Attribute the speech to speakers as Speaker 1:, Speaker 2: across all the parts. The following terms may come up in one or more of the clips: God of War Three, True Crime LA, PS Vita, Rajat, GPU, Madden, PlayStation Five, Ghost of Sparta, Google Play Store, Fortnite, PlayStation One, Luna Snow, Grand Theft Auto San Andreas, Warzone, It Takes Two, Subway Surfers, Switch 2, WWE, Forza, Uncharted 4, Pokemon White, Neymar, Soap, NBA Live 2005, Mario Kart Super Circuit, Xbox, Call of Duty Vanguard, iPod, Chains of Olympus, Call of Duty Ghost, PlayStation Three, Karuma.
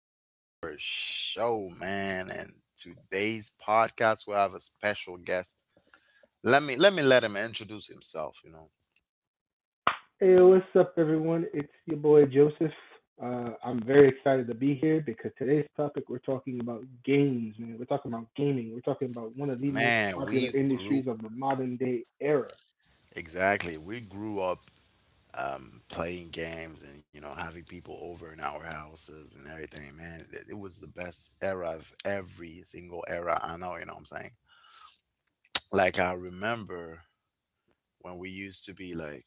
Speaker 1: to our show, man. And today's podcast we have a special guest. Let me let him introduce himself, you know.
Speaker 2: Hey, what's up, everyone? It's your boy Joseph. I'm very excited to be here because today's topic we're talking about games, man. We're talking about gaming. We're talking about one of the most
Speaker 1: Man,
Speaker 2: popular
Speaker 1: we grew
Speaker 2: industries of the modern day era.
Speaker 1: exactly. We grew up playing games and you know having people over in our houses and everything, man. It was the best era of every single era I know, you know what I'm saying? Like I remember when we used to be like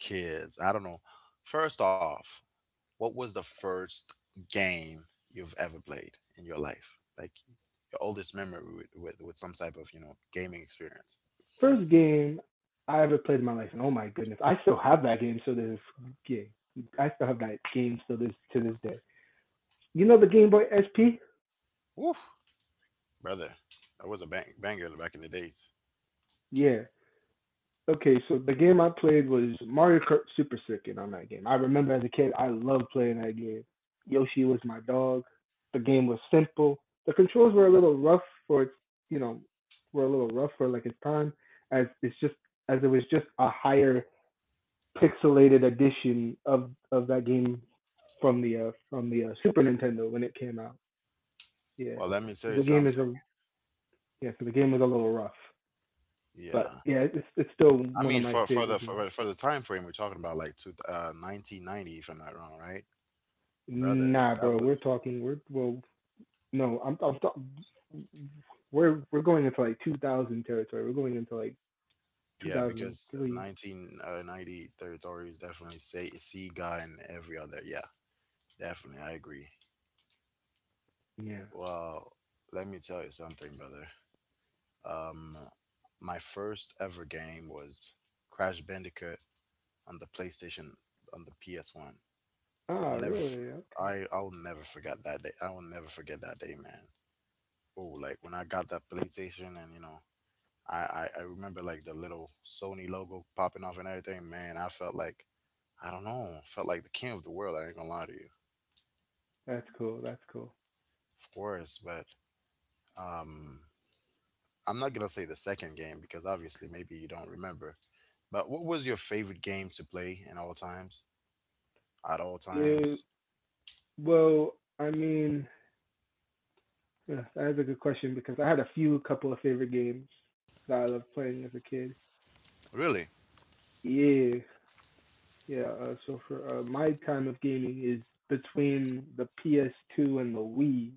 Speaker 1: kids. I don't know. First off, what was the first game you've ever played in your life? Like your oldest memory with some type of, you know, gaming experience.
Speaker 2: First game I ever played in my life, and oh my goodness, I still have that game. So this yeah, I still have that game still this to this day. You know the Game Boy SP?
Speaker 1: Woof, brother. That was a bang banger back in the days.
Speaker 2: Yeah. Okay, so the game I played was Mario Kart Super Circuit on that game. I remember as a kid, I loved playing that game. Yoshi was my dog. The game was simple. The controls were a little rough for its, you know, were a little rough for like its time, as it's just as it was just a higher pixelated edition of that game from the Super Nintendo when it came out. Yeah,
Speaker 1: Well, let me
Speaker 2: so
Speaker 1: tell you
Speaker 2: the game is
Speaker 1: something.
Speaker 2: a yeah, so the game was a little rough, but
Speaker 1: Yeah.
Speaker 2: yeah, it's still
Speaker 1: I
Speaker 2: one of
Speaker 1: mean,
Speaker 2: my
Speaker 1: for, for the
Speaker 2: favorite games.
Speaker 1: for, for the time frame we're talking about, like 1990, if I'm not wrong, right? Brother,
Speaker 2: Nah,
Speaker 1: that
Speaker 2: bro.
Speaker 1: was
Speaker 2: We're talking. We're, well, no, we're going into like 2000 territory. We're going into like
Speaker 1: Yeah, because
Speaker 2: 2003.
Speaker 1: 1990 territories definitely say see God in every other. Yeah, definitely, I agree.
Speaker 2: Yeah.
Speaker 1: Well, let me tell you something, brother. Um, my first ever game was Crash Bandicoot on the PS One. I'll
Speaker 2: Ah,
Speaker 1: never, f-
Speaker 2: really? Okay.
Speaker 1: I'll never forget that day. I will never forget that day, man. Oh, like when I got that PlayStation and you know I remember like the little Sony logo popping off and everything. Man, I felt like I don't know, felt like the king of the world. I ain't gonna lie to you,
Speaker 2: That's cool. That's cool.
Speaker 1: of course. But um, I'm not gonna say the second game because obviously maybe you don't remember. But what was your favorite game to play in all times? At all
Speaker 2: Yeah.
Speaker 1: times?
Speaker 2: Well, I mean, yeah, that is a good question because I had a few couple of favorite games that I loved playing as a kid.
Speaker 1: Really?
Speaker 2: Yeah. Yeah. So for my time of gaming is between the PS2 and the Wii.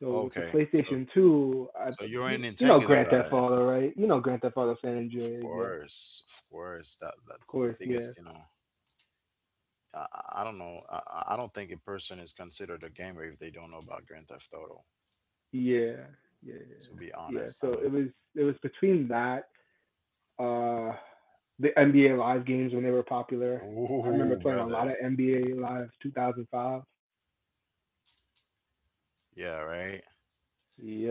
Speaker 2: So with the
Speaker 1: Okay. So
Speaker 2: PlayStation 2,
Speaker 1: so you're in
Speaker 2: you know
Speaker 1: Nintendo,
Speaker 2: Grand Theft
Speaker 1: right?
Speaker 2: Auto, right? You know Grand Theft Auto San
Speaker 1: Of
Speaker 2: Andreas, yeah. Of
Speaker 1: course, of course. That's the
Speaker 2: course, yeah.
Speaker 1: biggest, you know. I don't know. I don't think a person is considered a gamer if they don't know about Grand Theft Auto.
Speaker 2: Yeah. Yeah.
Speaker 1: To be
Speaker 2: Yeah.
Speaker 1: honest, I
Speaker 2: So it
Speaker 1: mean,
Speaker 2: was it was between that uh the NBA Live games when they were popular. I remember
Speaker 1: ooh,
Speaker 2: playing a lot
Speaker 1: brother,
Speaker 2: of NBA Live 2005.
Speaker 1: yeah, right.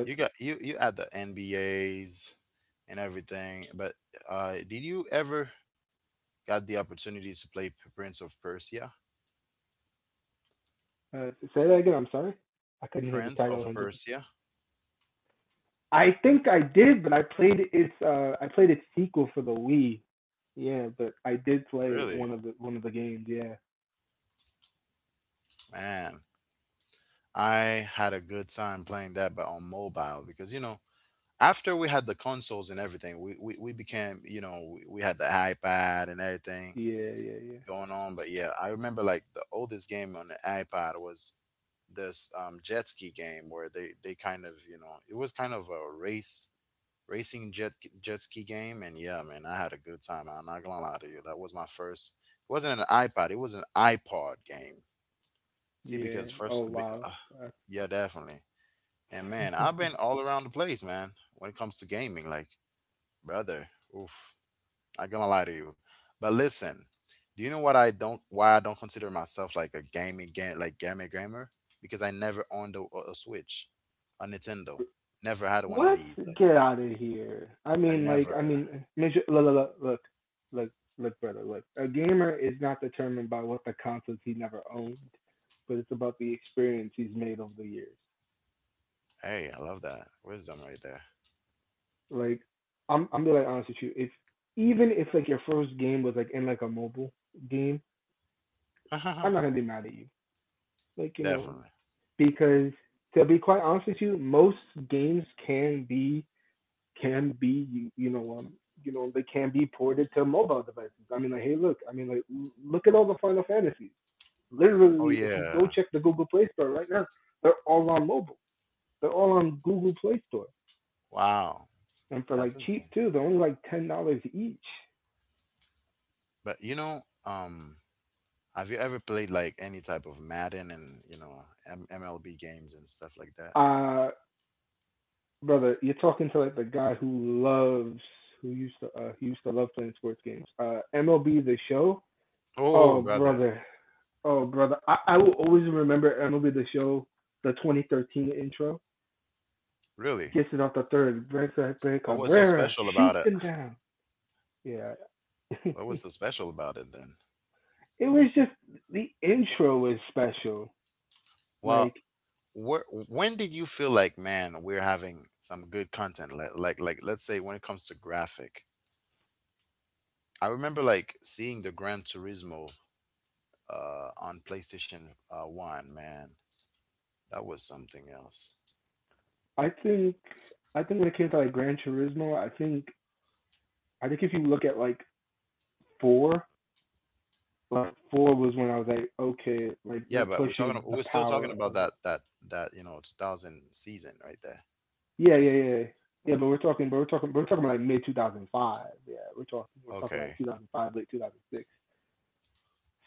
Speaker 1: You got you you had the NBAs and everything, but did you ever got the opportunity to Prince of Persia?
Speaker 2: Say that again. I'm sorry. I couldn't hear the
Speaker 1: Prince of
Speaker 2: title.
Speaker 1: Persia,
Speaker 2: I think I did, but I played its sequel for the Wii. Yeah, but I did play
Speaker 1: really,
Speaker 2: one of the games. Yeah.
Speaker 1: man. I had a good time playing that, but on mobile because you know after we had the consoles and everything, we became, you know, we had the iPad and everything.
Speaker 2: Yeah, yeah, yeah.
Speaker 1: Going on. But yeah, I remember like the oldest game on the iPod was this jet ski game where they kind of you know it was kind of a race racing jet ski game. And yeah, man, I had a good time. I'm not gonna lie to you. That was my first. It wasn't an iPod. It was an iPod game. See, because
Speaker 2: Yeah.
Speaker 1: first,
Speaker 2: Oh
Speaker 1: be-
Speaker 2: wow.
Speaker 1: yeah, definitely. And man, I've
Speaker 2: Uh,
Speaker 1: been all around the place, man. When it comes to gaming, like brother, oof. Not gonna lie to you. But listen, do you know what I don't why I don't consider myself like a gaming game like gamer gamer? Because I never owned a Switch, a Nintendo. Never had one of
Speaker 2: What?
Speaker 1: these. Like
Speaker 2: Get out of here. I
Speaker 1: I
Speaker 2: mean, like, I
Speaker 1: never.
Speaker 2: mean, look, look, look, look, look, look, brother, look. A gamer is not determined by what the consoles he never owned, but it's about the experience he's made over the years.
Speaker 1: Hey, I love that wisdom right there.
Speaker 2: Like, I'm being like honest with you. If even if like your first game was like in like a mobile game, I'm not gonna be mad at you. Like, you know,
Speaker 1: Definitely.
Speaker 2: because to be quite honest with you, most games can be you, you know they can be ported to mobile devices. I mean like look at all the Final Fantasies.
Speaker 1: Oh
Speaker 2: Literally if you go
Speaker 1: yeah.
Speaker 2: check the Google Play Store right now, they're all on mobile. They're all on Google Play Store
Speaker 1: Wow.
Speaker 2: and for like
Speaker 1: That's
Speaker 2: cheap
Speaker 1: insane.
Speaker 2: too. They're only like $10 each.
Speaker 1: But you know, have you ever played like any type of Madden and you know MLB games and stuff like that?
Speaker 2: Uh Brother, you're talking to like the guy who loves who used to he used to love playing sports games. MLB the show.
Speaker 1: Oh,
Speaker 2: Oh
Speaker 1: brother,
Speaker 2: brother. Oh brother. I will always remember MLB the show, the 2013 intro.
Speaker 1: really?
Speaker 2: Gets it off the third. Brent
Speaker 1: What was so
Speaker 2: Cabrera
Speaker 1: special about
Speaker 2: shoots
Speaker 1: it?
Speaker 2: him down. Yeah.
Speaker 1: What was
Speaker 2: it
Speaker 1: so special about it then?
Speaker 2: was just The intro was special.
Speaker 1: Well,
Speaker 2: Like
Speaker 1: when did you feel like, man, we're having some good content? Like, let's say when it comes to graphic, I remember like seeing the Gran Turismo on PlayStation One. Man, that was something else.
Speaker 2: I think I think when it came to like Gran Turismo, I think if you look at like four, was when I was like, okay, like
Speaker 1: Yeah,
Speaker 2: they're
Speaker 1: but we're talking.
Speaker 2: pushing the
Speaker 1: We're still talking
Speaker 2: power
Speaker 1: about
Speaker 2: of it.
Speaker 1: that you know 2000 season right there.
Speaker 2: Yeah, yeah,
Speaker 1: Just
Speaker 2: yeah. Yeah, but we're talking about like mid 2005. Yeah, we're talking like
Speaker 1: okay,
Speaker 2: 2005, late 2006.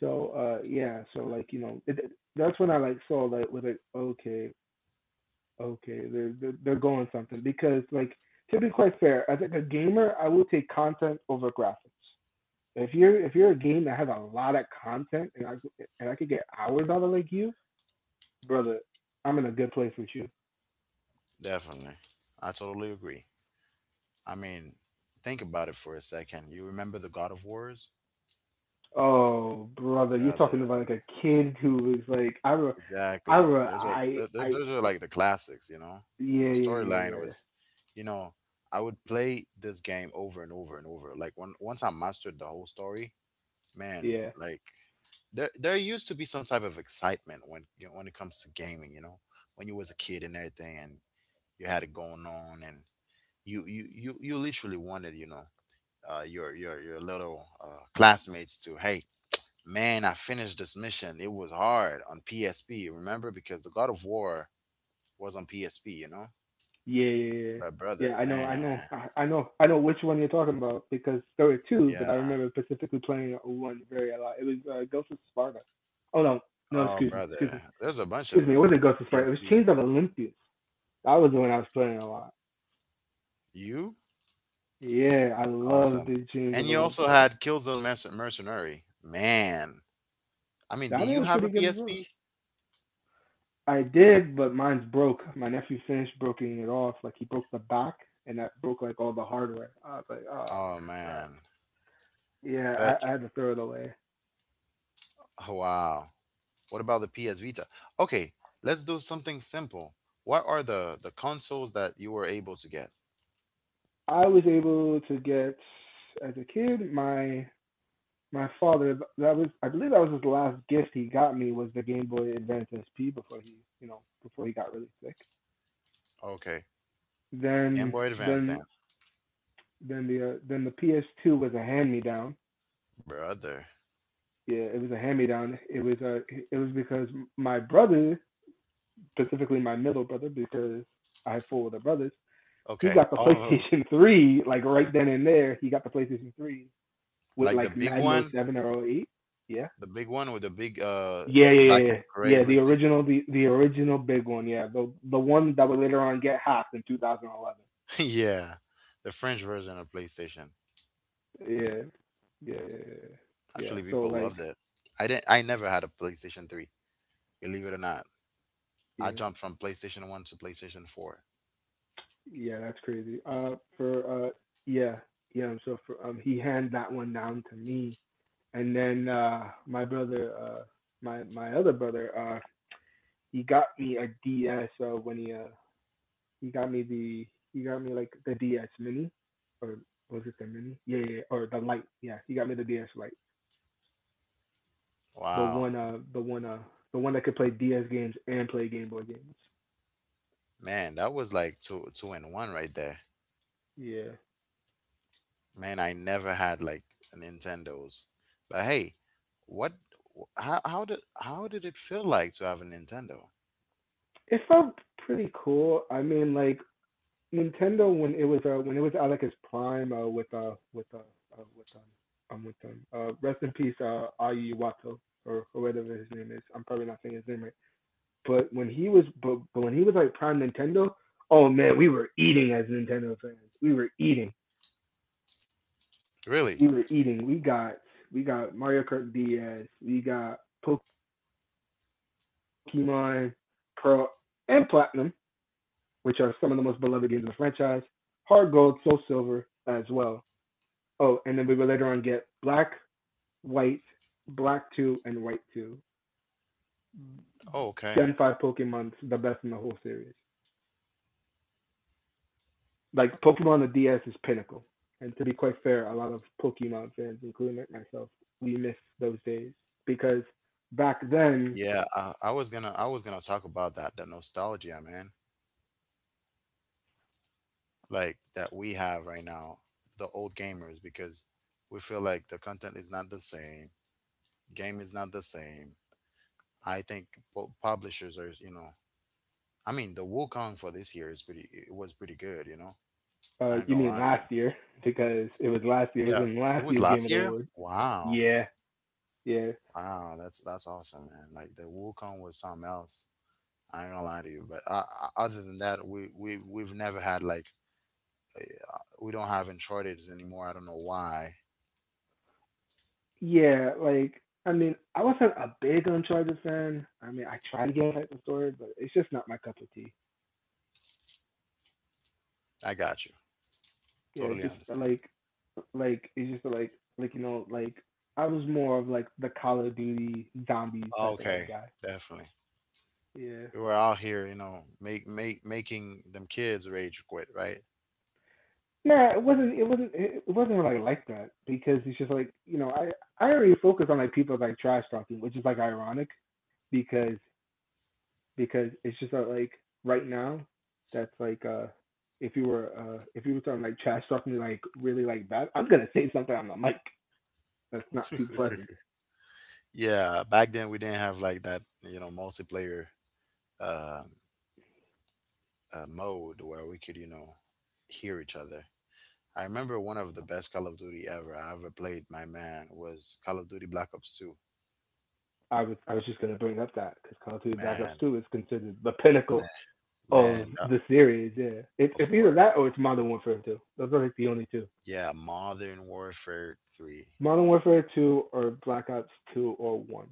Speaker 2: So yeah, so like you know, that's when I like saw like with like okay, okay, they're going something because like to be quite fair, as like a gamer, I would take content over graphics. If you're a game that has a lot of content and I could get hours out of like you, brother, I'm in a good place with you.
Speaker 1: definitely. I totally agree. I mean, think about it for a second. You remember the God of Wars,
Speaker 2: Oh brother, you're talking
Speaker 1: brother?
Speaker 2: about like a kid who is like I re-
Speaker 1: Exactly.
Speaker 2: I re-
Speaker 1: There's a there, there-
Speaker 2: I
Speaker 1: those are like the classics, you know. And the
Speaker 2: yeah, yeah, yeah,
Speaker 1: storyline
Speaker 2: yeah,
Speaker 1: was, you know, I would play this game over and over and over. Like when once I mastered the whole story, man,
Speaker 2: yeah.
Speaker 1: like there used to be some type of excitement when you know, when it comes to gaming, you know, when you was a kid and everything, and you had it going on, and you literally wanted, you know, your your little classmates to hey, man, I finished this mission. It was hard on PSP, remember? Because the God of War was on PSP, you know?
Speaker 2: Yeah, yeah, yeah.
Speaker 1: But
Speaker 2: Yeah,
Speaker 1: brother, man,
Speaker 2: I know which one you're talking about because there were two, but I
Speaker 1: yeah.
Speaker 2: remember specifically playing one very a lot. It was Ghost of Sparta. Oh no, no,
Speaker 1: Oh,
Speaker 2: excuse me, excuse me,
Speaker 1: brother. There's a bunch of
Speaker 2: excuse me. It
Speaker 1: them.
Speaker 2: wasn't Ghost of Sparta. It was
Speaker 1: PSP.
Speaker 2: Chains of Olympus. That was the one I was playing a lot.
Speaker 1: You?
Speaker 2: Yeah, I loved
Speaker 1: Awesome.
Speaker 2: the Chains of
Speaker 1: And you also
Speaker 2: Olympus.
Speaker 1: had Mercenary. Man. I mean,
Speaker 2: That
Speaker 1: do
Speaker 2: one
Speaker 1: you
Speaker 2: was
Speaker 1: have
Speaker 2: pretty
Speaker 1: a
Speaker 2: good as well.
Speaker 1: PSP?
Speaker 2: I did, but mine's broke. My nephew finished broking it off. Like he broke the back, and that broke like all the hardware. I was like, oh
Speaker 1: Oh,
Speaker 2: crap.
Speaker 1: man.
Speaker 2: Yeah, I,
Speaker 1: But,
Speaker 2: I had to throw it away.
Speaker 1: oh, wow. What about the PS Vita? Okay, let's do something simple. What are the consoles that you were able to get?
Speaker 2: I was able to get as a kid my father, that was, I believe, that was his last gift he got me, was the Game Boy Advance SP before he got really sick.
Speaker 1: Okay, Game
Speaker 2: Then
Speaker 1: Boy Advance
Speaker 2: then
Speaker 1: then.
Speaker 2: then the PS2 was a hand me down.
Speaker 1: Brother.
Speaker 2: Yeah, it was a hand me down. It was because my brother, specifically my middle brother, because I have four other brothers. He
Speaker 1: Okay.
Speaker 2: got the
Speaker 1: Oh,
Speaker 2: PlayStation 3 like right then and there. He got the PlayStation 3 with
Speaker 1: like
Speaker 2: like Madden O Seven or O Eight. Yeah.
Speaker 1: the big one with the big
Speaker 2: Yeah, yeah, yeah,
Speaker 1: black
Speaker 2: yeah.
Speaker 1: and gray
Speaker 2: Yeah, the
Speaker 1: PlayStation.
Speaker 2: original, the original big one. Yeah, the one that would later on get hacked in 2011.
Speaker 1: Yeah, the French version of PlayStation.
Speaker 2: Yeah, yeah, yeah, yeah, yeah.
Speaker 1: Actually,
Speaker 2: So
Speaker 1: people
Speaker 2: like,
Speaker 1: loved it. I didn't. I never had a PlayStation Three. Believe it or not, I
Speaker 2: yeah,
Speaker 1: jumped from PlayStation One to PlayStation Four.
Speaker 2: yeah, that's crazy. For Yeah, yeah. So for he handed that one down to me, and then my other brother, he got me a D S, when he got me the he got me like the DS Mini, or was it the Mini? Yeah, yeah, yeah, or the Lite. Yeah, he got me the DS Lite, the
Speaker 1: Wow,
Speaker 2: one uh, the one uh, the one that could play DS games and play Game Boy games.
Speaker 1: man, that was like two in one right there.
Speaker 2: Yeah,
Speaker 1: Man, I never had like a Nintendo's. But hey, what? How did it feel like to have a Nintendo?
Speaker 2: it felt pretty cool. I mean, like Nintendo when it was at like its prime uh with um with them rest in peace Ayu Iwato, or whatever his name is. I'm probably not saying his name right. But when he was, but When he was like prime Nintendo, oh man, we were eating as Nintendo fans. We were eating.
Speaker 1: Really?
Speaker 2: We were eating. We got Mario Kart DS. We got Pokemon Pearl and Platinum, which are some of the most beloved games in the franchise. Hard Gold, Soul Silver as well. Oh, and then we would later on get Black, White, Black 2, and White 2.
Speaker 1: Oh,
Speaker 2: Gen
Speaker 1: okay.
Speaker 2: Five Pokemon's the best in the whole series. Like Pokemon on the DS is pinnacle. And to be quite fair, a lot of Pokemon fans, including myself, we miss those days because back then.
Speaker 1: Yeah, I was gonna talk about that the nostalgia, man, like that we have right now, the old gamers, because we feel like the content is not the same, game is not the same. I think publishers are, you know, I mean, the Wukong for this year is pretty it was pretty good, you know. I ain't
Speaker 2: You
Speaker 1: gonna
Speaker 2: mean
Speaker 1: lie to you.
Speaker 2: last year? Because it was last year. It was
Speaker 1: Yeah,
Speaker 2: in
Speaker 1: it
Speaker 2: last
Speaker 1: was
Speaker 2: year's Game
Speaker 1: last
Speaker 2: of the
Speaker 1: year.
Speaker 2: Award.
Speaker 1: Wow,
Speaker 2: Yeah, yeah,
Speaker 1: wow, that's awesome, man. Like the Wukong was something else. I ain't gonna lie to you, but other than that, we've never had like we don't have Uncharted anymore. I don't know why.
Speaker 2: yeah. Like I mean, I wasn't a big Uncharted fan. I mean, I tried to get into the story, but it's just not my cup of tea.
Speaker 1: I got you.
Speaker 2: Yeah,
Speaker 1: Totally
Speaker 2: just
Speaker 1: understand.
Speaker 2: like it's just like you know like I was more of like the Call of Duty zombies type of like
Speaker 1: Okay,
Speaker 2: guy.
Speaker 1: definitely.
Speaker 2: Yeah,
Speaker 1: We were out here, you know, make make making them kids rage quit, right?
Speaker 2: nah, it wasn't. It wasn't. It wasn't like that because it's just like you know I already focus on like people like trash talking, which is like ironic because because it's just like right now that's like if you were talking like trash talking like really like bad, I'm gonna say something on the mic that's not too pleasant.
Speaker 1: Yeah, back then we didn't have like that, you know, multiplayer uh, mode where we could, you know, hear each other. I remember one of the best Call of Duty ever I ever played. My man was Call of Duty Black Ops Two.
Speaker 2: I was just gonna bring up that because Call of Duty Black Ops
Speaker 1: Man,
Speaker 2: Two is considered the
Speaker 1: man,
Speaker 2: pinnacle
Speaker 1: man.
Speaker 2: of the series. Yeah, it,
Speaker 1: Of
Speaker 2: it's either
Speaker 1: course,
Speaker 2: that or it's Modern Warfare Two. Those are like the only two.
Speaker 1: yeah. Modern Warfare Three.
Speaker 2: Modern Warfare 2 or Black Ops 2 or 1.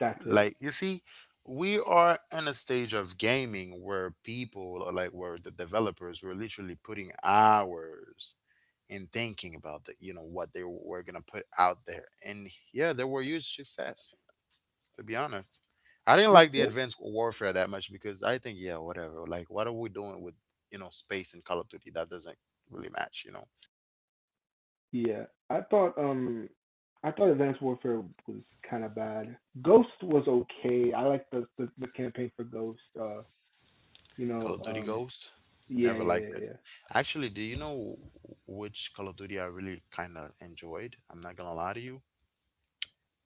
Speaker 2: That's it.
Speaker 1: Like you see we are in a stage of gaming where people or like where the developers were literally putting hours in thinking about the you know what they were gonna put out there, and yeah they were huge success. To be honest, I didn't
Speaker 2: That's
Speaker 1: like the
Speaker 2: it.
Speaker 1: Advanced Warfare that much because I think yeah whatever like what are we doing with you know space and Call of Duty that doesn't really match you know.
Speaker 2: Yeah. I thought um I thought Advanced Warfare was kind of bad. Ghost was okay. I like the campaign for Ghost. You
Speaker 1: Call
Speaker 2: know,
Speaker 1: of Duty
Speaker 2: um,
Speaker 1: Ghost?
Speaker 2: yeah, yeah,
Speaker 1: Never
Speaker 2: yeah.
Speaker 1: liked it.
Speaker 2: Yeah.
Speaker 1: Actually, do you know which Call of Duty I really kind of enjoyed? I'm not gonna lie to you.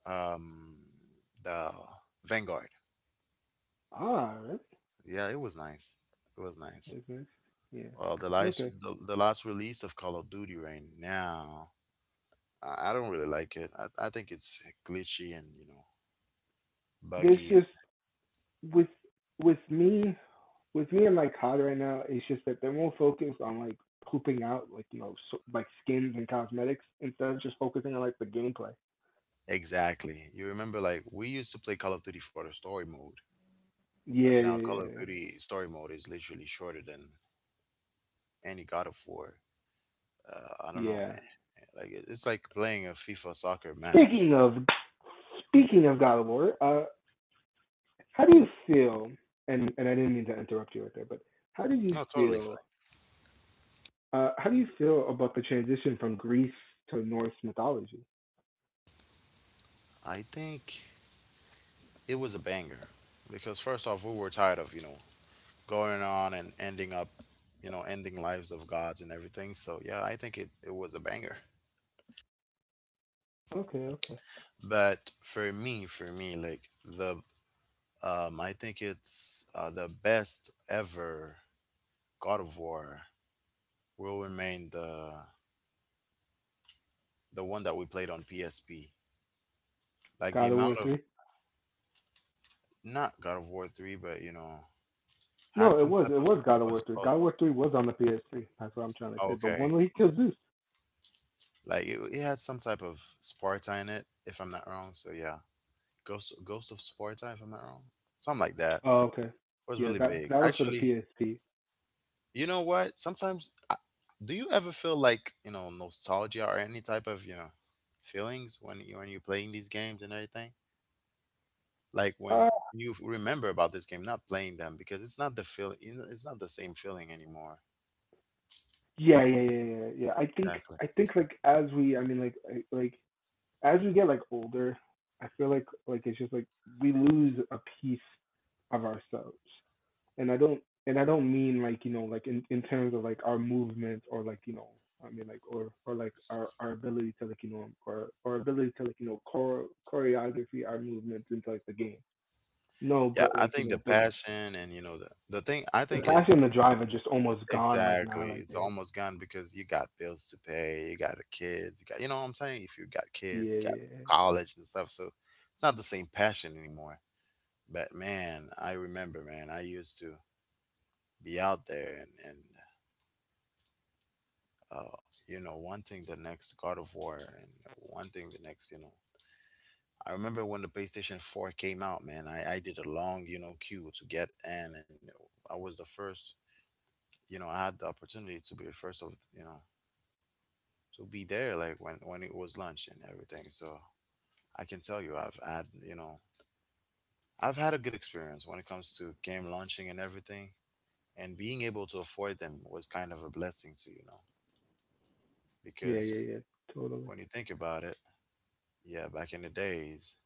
Speaker 1: Um, the Vanguard.
Speaker 2: Ah, really?
Speaker 1: Yeah, it was nice. It was nice.
Speaker 2: That's nice. Yeah.
Speaker 1: Well,
Speaker 2: Okay.
Speaker 1: the last release of Call of Duty right now, I don't really like it. I think it's glitchy and you know
Speaker 2: There's
Speaker 1: buggy.
Speaker 2: just with with me with me and my cod right now it's just that they're more focused on like pooping out like so, like skins and cosmetics instead of just focusing on like the gameplay.
Speaker 1: Exactly. You remember like we used to play Call of Duty for the story mode, but
Speaker 2: Yeah,
Speaker 1: now Call
Speaker 2: yeah,
Speaker 1: of Duty story mode is literally shorter than any God of War. I don't
Speaker 2: yeah.
Speaker 1: know.
Speaker 2: Yeah.
Speaker 1: Like it's like playing a FIFA soccer match.
Speaker 2: Speaking of speaking of God of War, how do you feel? And I didn't mean to interrupt you right there, but how do you
Speaker 1: No, totally
Speaker 2: feel?
Speaker 1: fine.
Speaker 2: How do you feel about the transition from Greece to Norse mythology?
Speaker 1: I think it was a banger because first off, we were tired of you know going on and ending up, you know, ending lives of gods and everything. So yeah, I think it it was a banger.
Speaker 2: Okay, okay.
Speaker 1: But for me, like the I think it's the best ever God of War will remain the one that we played on PSP. Like the
Speaker 2: God of
Speaker 1: amount
Speaker 2: War
Speaker 1: of
Speaker 2: three.
Speaker 1: not God of War three, but you know
Speaker 2: No,
Speaker 1: Had some
Speaker 2: it
Speaker 1: type
Speaker 2: was it was God
Speaker 1: of
Speaker 2: of
Speaker 1: s-
Speaker 2: War three.
Speaker 1: o-
Speaker 2: God of War three was on the PS3. That's what I'm trying to
Speaker 1: o-
Speaker 2: say. But
Speaker 1: okay,
Speaker 2: when he kills Zeus.
Speaker 1: it had some type of Sparta in it, if I'm not wrong. So yeah, Ghost of Sparta, if I'm not wrong, something like that.
Speaker 2: Oh, okay.
Speaker 1: It was
Speaker 2: Yeah,
Speaker 1: really big,
Speaker 2: that was for the
Speaker 1: actually.
Speaker 2: PSP.
Speaker 1: You know what? Sometimes, do you ever feel like you know nostalgia or any type of you know feelings when you when you're playing these games and everything? Like when
Speaker 2: Uh,
Speaker 1: you remember about this game, not playing them because it's not the feel, you know, it's not the same feeling anymore.
Speaker 2: yeah. I think
Speaker 1: Exactly.
Speaker 2: like as we, I mean, like as we get like older, I feel like it's just like we lose a piece of ourselves. and I don't and I don't mean like you know like in terms of like our movement or like you know I mean like or like our ability to like you know or our ability to like you know chore- choreography our movements into like the game. No,
Speaker 1: Yeah,
Speaker 2: but
Speaker 1: I
Speaker 2: like you
Speaker 1: think the
Speaker 2: know, but
Speaker 1: passion and you know the thing I
Speaker 2: the
Speaker 1: think
Speaker 2: passion
Speaker 1: is
Speaker 2: and the drive are just almost gone like now
Speaker 1: exactly.
Speaker 2: like
Speaker 1: It's
Speaker 2: they
Speaker 1: almost gone because you got bills to pay, you got kids, you got you know what I'm saying? If you got
Speaker 2: yeah
Speaker 1: kids, you got
Speaker 2: yeah
Speaker 1: college and stuff, so it's not the same passion anymore. But man, I remember, man, I used to be out there and uh, wanting the next God of War and wanting the next. I remember when the PlayStation 4 came out, man, I did a long, queue to get in. And I was the first, I had the opportunity to be the first of, to be there like when it was lunch and everything. So I can tell you, I've had a good experience when it comes to game launching and everything. And being able to afford them was kind of a blessing to,
Speaker 2: yeah yeah yeah
Speaker 1: because
Speaker 2: yeah totally.
Speaker 1: when you think about it. Yeah, back in the days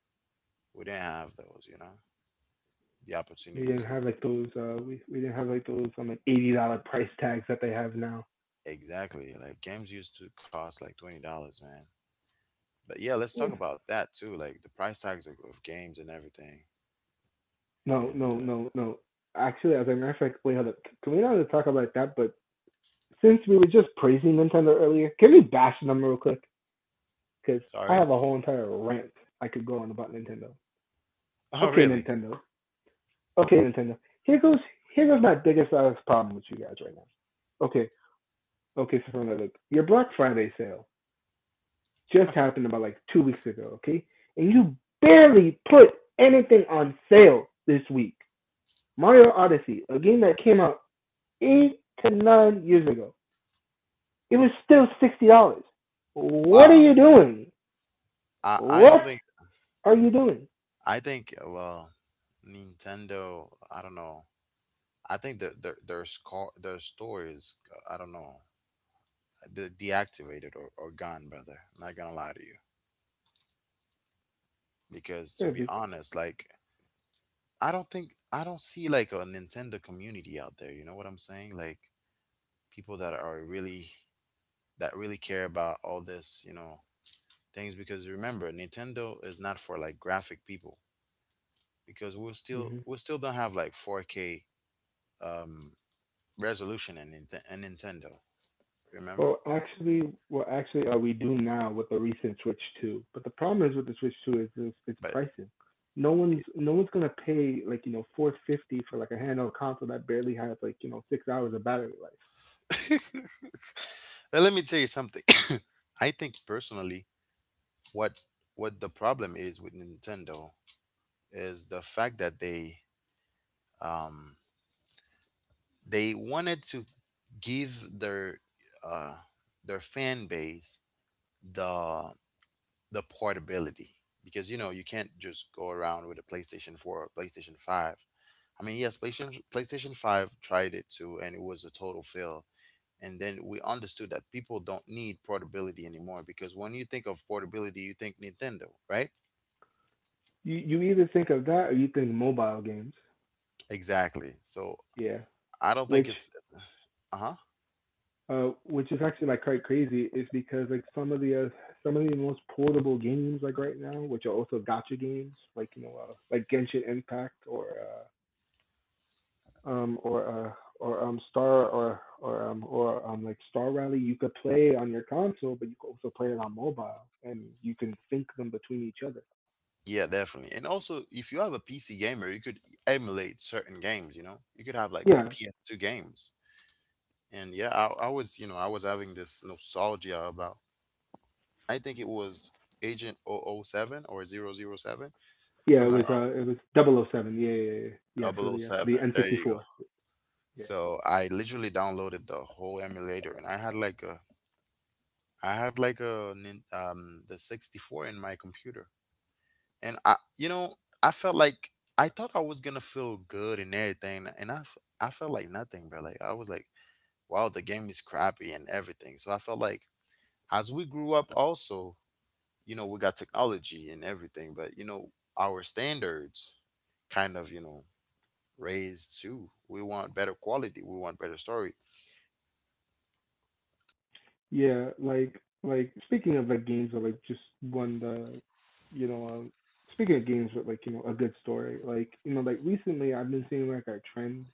Speaker 1: we didn't have those, the
Speaker 2: We
Speaker 1: opportunity
Speaker 2: didn't
Speaker 1: to.
Speaker 2: have like those we didn't have like those like $80 price tags that they have now.
Speaker 1: Exactly, like games used to cost like $20, man. But yeah, let's talk
Speaker 2: Yeah.
Speaker 1: about that too, like the price tags of games and everything,
Speaker 2: No,
Speaker 1: and
Speaker 2: no, no, no. Actually, as a matter of fact, wait, hold up. Can we not really talk about that? But since we were just praising Nintendo earlier, can we bash them real quick? Because I
Speaker 1: sorry.
Speaker 2: have a whole entire rant I could go on about Nintendo.
Speaker 1: Oh,
Speaker 2: Okay,
Speaker 1: really?
Speaker 2: Nintendo. Okay, Nintendo. Here goes my biggest problem with you guys right now. Okay, okay, so look, your Black Friday sale just happened about like 2 weeks ago, okay? And you barely put anything on sale this week. Mario Odyssey, a game that came out 8 to 9 years ago, it was still $60. What are
Speaker 1: Wow,
Speaker 2: you doing?
Speaker 1: I
Speaker 2: What
Speaker 1: don't think.
Speaker 2: are you doing?
Speaker 1: I think, well, Nintendo. I don't know. I think that their store is, I don't know, deactivated or gone, brother. I'm not gonna lie to you, because to
Speaker 2: Yeah,
Speaker 1: be
Speaker 2: be,
Speaker 1: honest, like I don't see like a Nintendo community out there. You know what I'm saying? Like people that are really care about all this, things. Because remember, Nintendo is not for like graphic people, because
Speaker 2: hmm
Speaker 1: we still don't have like 4K um resolution in Nintendo. Remember?
Speaker 2: Well, actually, we do now with the recent Switch 2. But the problem is with the Switch 2 is it's
Speaker 1: But
Speaker 2: pricing.
Speaker 1: it,
Speaker 2: No one's gonna pay like you know 450 for like a handheld console that barely has like you know 6 hours of battery life.
Speaker 1: but let me tell you something. I think, personally, what what the problem is with Nintendo is the fact that they, um, they wanted to give their, uh, their fan base the the portability, because you can't just go around with a PlayStation 4 or PlayStation 5. I mean, yes, PlayStation Five tried it too, and it was a total fail. And then we understood that people don't need portability anymore, because when you think of portability, you think Nintendo, right?
Speaker 2: You either think of that or you think mobile games.
Speaker 1: Exactly. So
Speaker 2: Yeah,
Speaker 1: I don't think
Speaker 2: which
Speaker 1: it's. Uh-huh.
Speaker 2: which is actually like quite crazy, is because like some of the most portable games like right now, which are also gotcha games, like you know like Genshin Impact or Star or like Star Rally, you could play on your console, but you could also play it on mobile, and you can sync them between each other.
Speaker 1: Yeah, definitely. And also, if you have a PC gamer, you could emulate certain games, you could have like
Speaker 2: Yeah,
Speaker 1: PS2 games. And yeah, I was having this nostalgia about, I think it was agent double oh 007, or double oh 007,
Speaker 2: yeah,
Speaker 1: from that wrong.
Speaker 2: it was Double O Seven. Yeah,
Speaker 1: Double O
Speaker 2: for the
Speaker 1: Seven. There you go.
Speaker 2: N64. Yeah.
Speaker 1: So I literally downloaded the whole emulator, and I had like a the 64 in my computer, and I felt like I thought I was gonna feel good and everything, and I felt like nothing, bro. Like I was like, wow, the game is crappy and everything. So I felt like, as we grew up also, we got technology and everything, but our standards kind of, raised too. We want better quality. We want better story.
Speaker 2: Yeah, like speaking of like games or like just won the you know, um speaking of games with like, you know, a good story, like, you know, like recently I've been seeing like a trend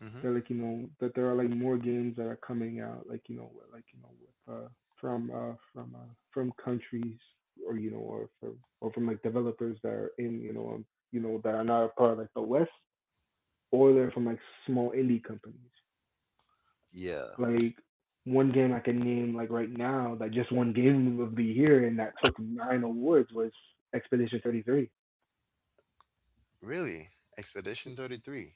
Speaker 1: Hmm.
Speaker 2: that like, you know, that there are like more games that are coming out like, you know, with like, you know, with from countries or you know, or from like developers that are in, you know, that are not a part of like the West or they're from like small indie companies.
Speaker 1: Yeah.
Speaker 2: Like one game I can name like right now that just won game of the year and that took nine awards was Expedition 33.
Speaker 1: Really? Expedition 33.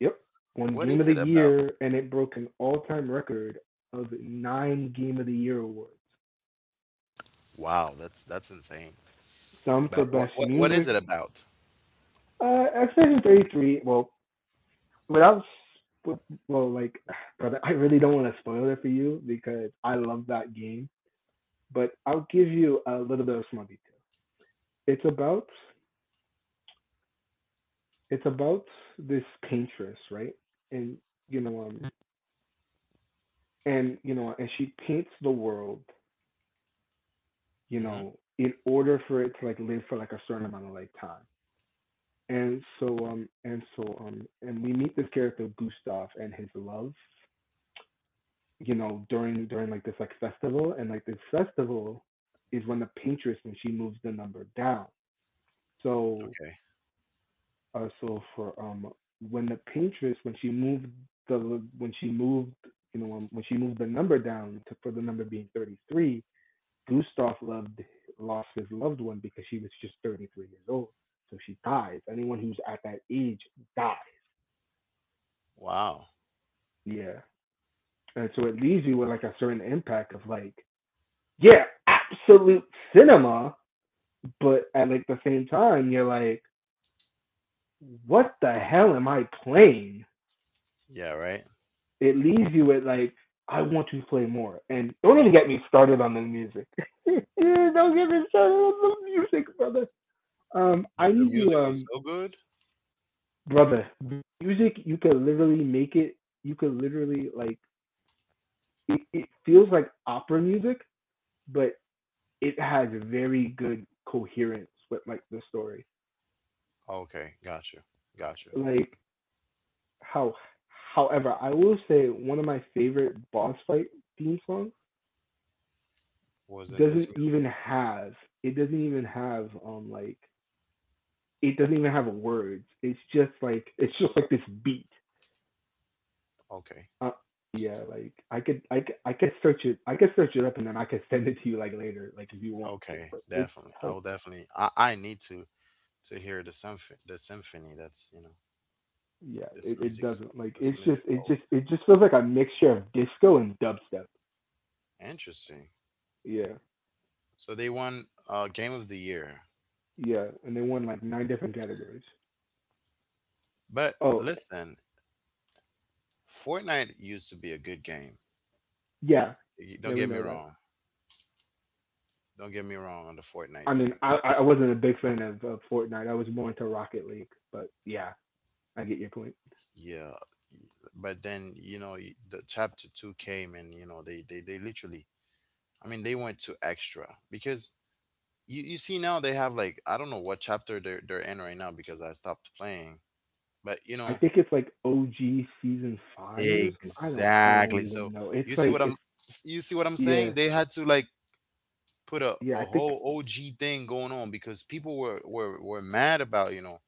Speaker 2: Yep, won
Speaker 1: What
Speaker 2: game of
Speaker 1: is
Speaker 2: the
Speaker 1: it about?
Speaker 2: year and it broke an all-time record of nine game of the year awards.
Speaker 1: Wow, that's insane.
Speaker 2: Some
Speaker 1: But
Speaker 2: for
Speaker 1: what
Speaker 2: best
Speaker 1: what what is
Speaker 2: music.
Speaker 1: it about?
Speaker 2: Expedition 33. Well, without like, brother, I really don't want to spoil it for you because I love that game, but I'll give you a little bit of small detail. It's about it's about this paintress, right? And you know, and you know, and she paints the world, you
Speaker 1: Hmm.
Speaker 2: know, in order for it to like live for like a certain amount of like time. And so, and we meet this character Gustav and his love, you know, during like this like festival, and like this festival is when the paintress when she moves the number down. So
Speaker 1: Okay.
Speaker 2: also for When the Patriots when she moved the when she moved you know when she moved the number down to for the number being 33, Gustav loved lost his loved one because she was just 33 years old, so she dies. Anyone who's at that age dies.
Speaker 1: Wow.
Speaker 2: Yeah, and so it leaves you with like a certain impact of like yeah, absolute cinema, but at like the same time you're like what the hell am I playing?
Speaker 1: Yeah, right.
Speaker 2: It leaves you with like, I want to play more. And don't even get me started on the music. don't get me started on the music, brother. Um,
Speaker 1: The,
Speaker 2: I
Speaker 1: the
Speaker 2: need you,
Speaker 1: music was
Speaker 2: um,
Speaker 1: so good.
Speaker 2: brother. Music, you could literally make it. You could literally like. It feels like opera music, but it has very good coherence with like the story.
Speaker 1: Okay, got you. Got you.
Speaker 2: Like how, However, I will say one of my favorite boss fight theme songs
Speaker 1: Was in
Speaker 2: doesn't
Speaker 1: this
Speaker 2: even
Speaker 1: music?
Speaker 2: have it doesn't even have um like it doesn't even have words. It's just like this beat.
Speaker 1: Okay.
Speaker 2: Uh, yeah, like I could search it up and then I could send it to you like later like if you want to.
Speaker 1: Okay,
Speaker 2: But it's
Speaker 1: definitely. I will definitely I need to hear the symphony that's,
Speaker 2: yeah
Speaker 1: this
Speaker 2: it
Speaker 1: music so-
Speaker 2: doesn't like
Speaker 1: this music hold.
Speaker 2: it just feels like a mixture of disco and dubstep.
Speaker 1: Interesting.
Speaker 2: Yeah
Speaker 1: So they won game of the year.
Speaker 2: yeah, and they won like nine different categories.
Speaker 1: But
Speaker 2: Oh
Speaker 1: listen, Fortnite used to be a good game.
Speaker 2: yeah yeah,
Speaker 1: Don't
Speaker 2: we
Speaker 1: get me
Speaker 2: know that.
Speaker 1: wrong. Don't get me wrong on the Fortnite
Speaker 2: I mean,
Speaker 1: thing.
Speaker 2: I wasn't a big fan of Fortnite. I was more into Rocket League, but yeah, I get your point.
Speaker 1: Yeah, but then the chapter two came, and they literally. I mean, they went to extra because you see, now they have like, I don't know what chapter they're in right now because I stopped playing. But you
Speaker 2: I
Speaker 1: know.
Speaker 2: think it's like OG season five or something. I don't
Speaker 1: Exactly.
Speaker 2: even
Speaker 1: So
Speaker 2: know. It's like it's
Speaker 1: you see what I'm
Speaker 2: yeah
Speaker 1: saying? They had to like put a,
Speaker 2: yeah. I
Speaker 1: a
Speaker 2: think
Speaker 1: whole OG thing going on because people were mad about,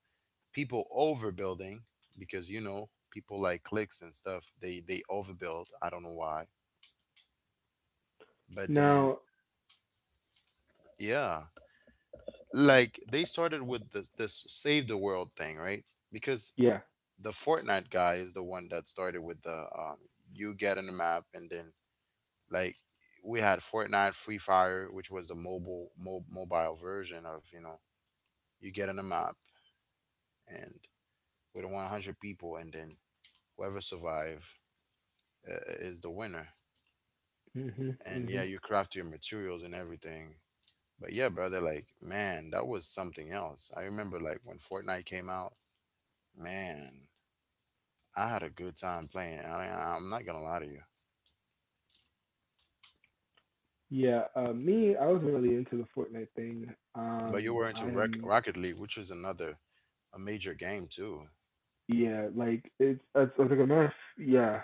Speaker 1: people overbuilding, because people like clicks and stuff, they overbuild. I don't know why. But then,
Speaker 2: now
Speaker 1: yeah, like they started with this save the world thing, right? Because
Speaker 2: yeah.
Speaker 1: the Fortnite guy is the one that started with the, you get in the map and then, like, we had Fortnite Free Fire, which was the mobile, mobile version of, you get in the map and with 100 people, and then whoever survive, uh, is the winner.
Speaker 2: Mhm
Speaker 1: And yeah,
Speaker 2: mhm.
Speaker 1: you craft your materials and everything. But yeah, brother, like man, that was something else. I remember like when Fortnite came out, man, I had a good time playing. I'm not gonna lie to you.
Speaker 2: Yeah. Me, I wasn't really into the Fortnite thing.
Speaker 1: But you were into
Speaker 2: I am
Speaker 1: Rocket League, which was another a major game too.
Speaker 2: yeah like it's like a mess. Yeah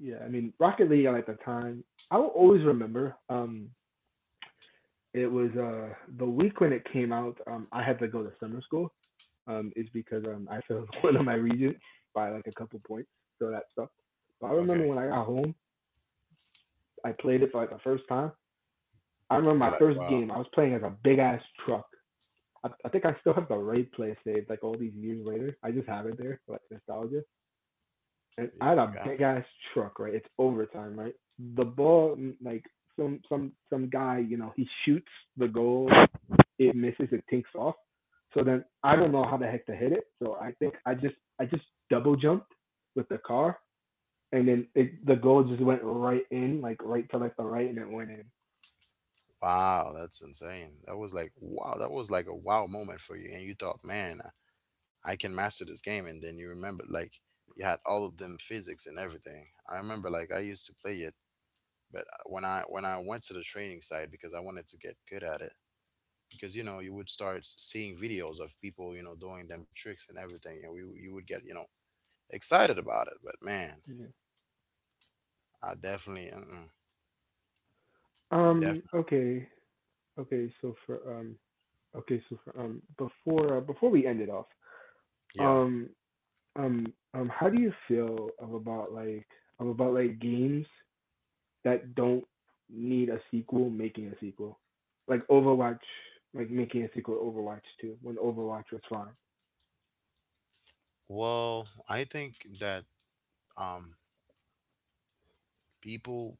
Speaker 2: yeah. I mean, Rocket League at the time, I will always remember. It was the week when it came out I had to go to summer school is because I failed one of my regents by like a couple points, so that sucked. But I remember
Speaker 1: Okay,
Speaker 2: when I got home I played it for like the first time. I remember
Speaker 1: you were
Speaker 2: my
Speaker 1: like,
Speaker 2: first
Speaker 1: wow,
Speaker 2: game I was playing as a big ass truck. I think I still have the raid play saved like all these years later. I just have it there for like nostalgia, and I
Speaker 1: yeah,
Speaker 2: had a big
Speaker 1: gosh,
Speaker 2: ass truck, right? It's overtime, right? The ball, like some guy, you know, he shoots the goal, it misses, it tinks off. So then I don't know how the heck to hit it. So I think I just double jumped with the car, and then the goal just went right in, like right to like the right, and it went in.
Speaker 1: wow, that's insane. That was like, wow, that was like a wow moment for you, and you thought, man, I can master this game, and then you remember like you had all of them physics and everything. I remember like I used to play it, but when I went to the training side, because I wanted to get good at it, because you would start seeing videos of people, doing them tricks and everything, and we you would get, excited about it. But man,
Speaker 2: Yeah.
Speaker 1: i definitely mm definitely
Speaker 2: Okay. Okay. So for um. Okay. So for before before we end it off.
Speaker 1: Yeah,
Speaker 2: Um. Um. How do you feel of about like games that don't need a sequel making a sequel. Like Overwatch, like making a sequel to Overwatch 2 when Overwatch was fine.
Speaker 1: well, I think that, um people,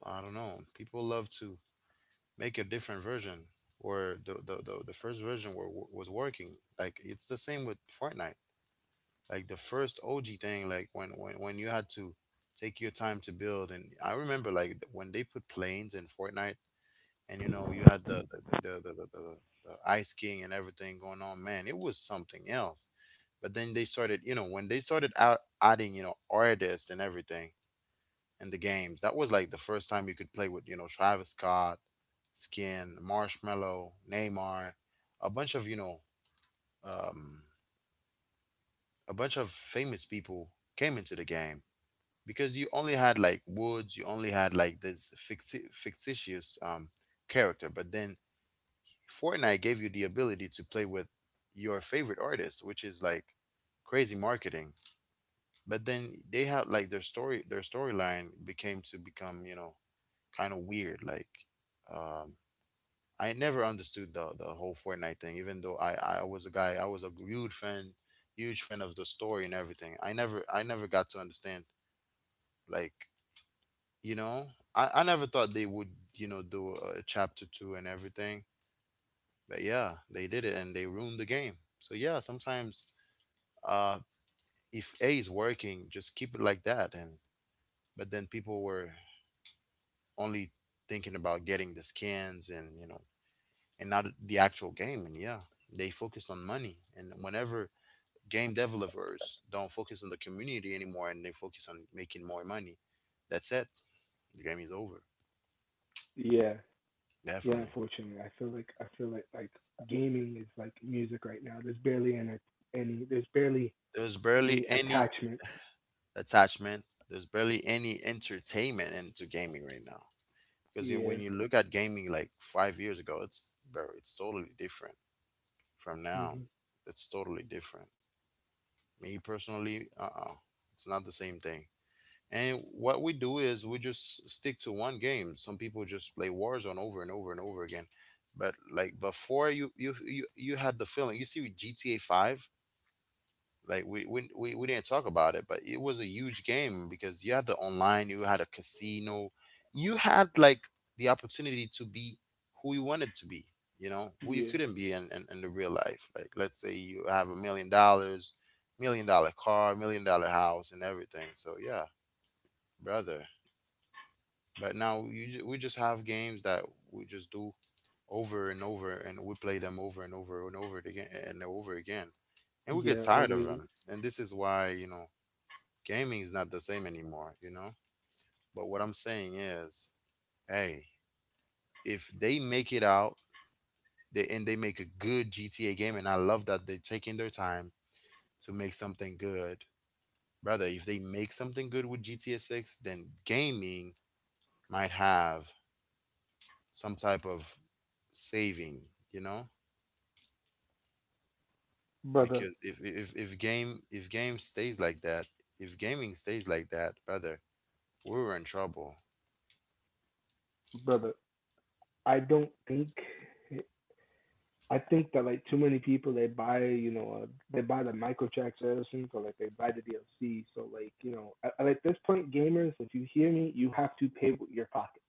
Speaker 1: I don't know, people love to make a different version, or the first version was working. Like it's the same with Fortnite, like the first OG thing, like when you had to take your time to build. And I remember like, when they put planes in Fortnite, and you had the the the, the, the Ice King and everything going on. Man, it was something else. But then they started, when they started out adding, artists and everything in the games. That was like the first time you could play with, Travis Scott, Skin, Marshmello, Neymar, a bunch of, you know, um, a bunch of famous people came into the game, because you only had like this fictitious, character. But then Fortnite gave you the ability to play with your favorite artist, which is like crazy marketing. But then they had like their storyline became to become, kind of weird, like, um, I never understood the whole Fortnite thing, even though I was a huge fan, of the story and everything. I never got to understand, like, you know I never thought they would, do chapter two and everything. But yeah, they did it and they ruined the game. So yeah, sometimes, uh if a is working, just keep it like that. And but then people were only thinking about getting the skins and, and not the actual game, and yeah, they focused on money. And whenever game developers don't focus on the community anymore and they focus on making more money, that's it. The game is over.
Speaker 2: Yeah. Yeah,
Speaker 1: Definitely.
Speaker 2: unfortunately. I feel like gaming is like music right now. There's barely any there's barely
Speaker 1: There's barely
Speaker 2: any
Speaker 1: any
Speaker 2: attachment.
Speaker 1: attachment. There's barely any entertainment into gaming right now. Because, you
Speaker 2: Yeah.
Speaker 1: when you look at gaming like 5 years ago, it's totally different from now.
Speaker 2: hmm
Speaker 1: It's totally different. Me personally, it's not the same thing. And what we do is we just stick to one game. Some people just play Warzone over and over and over again. But like before, you had the feeling. You see with GTA 5, like we didn't talk about it, but it was a huge game because you had the online, you had a casino, you had like the opportunity to be who you wanted to be, who you
Speaker 2: Yeah.
Speaker 1: couldn't be in, the real life. Like let's say you have $1 million, $1 million car, $1 million house and everything. So yeah, brother. But now, we just have games that we just do over and over, and we play them over and over and over again and over again, and we get
Speaker 2: Yeah, or
Speaker 1: tired of
Speaker 2: they
Speaker 1: them. And this is why, gaming is not the same anymore, you know? But what I'm saying is, hey, if they make it out, and they make a good GTA game, and I love that they're taking their time to make something good, brother, if they make something good with GTA 6, then gaming might have some type of saving, you know?
Speaker 2: brother.
Speaker 1: Because if game stays like that, if gaming stays like that, brother, we're in trouble.
Speaker 2: brother. I don't think I think that like too many people they buy you know they buy the microtransactions or like they buy the DLC. So like you know at like, this point, gamers, if you hear me, you have to pay with your pocket.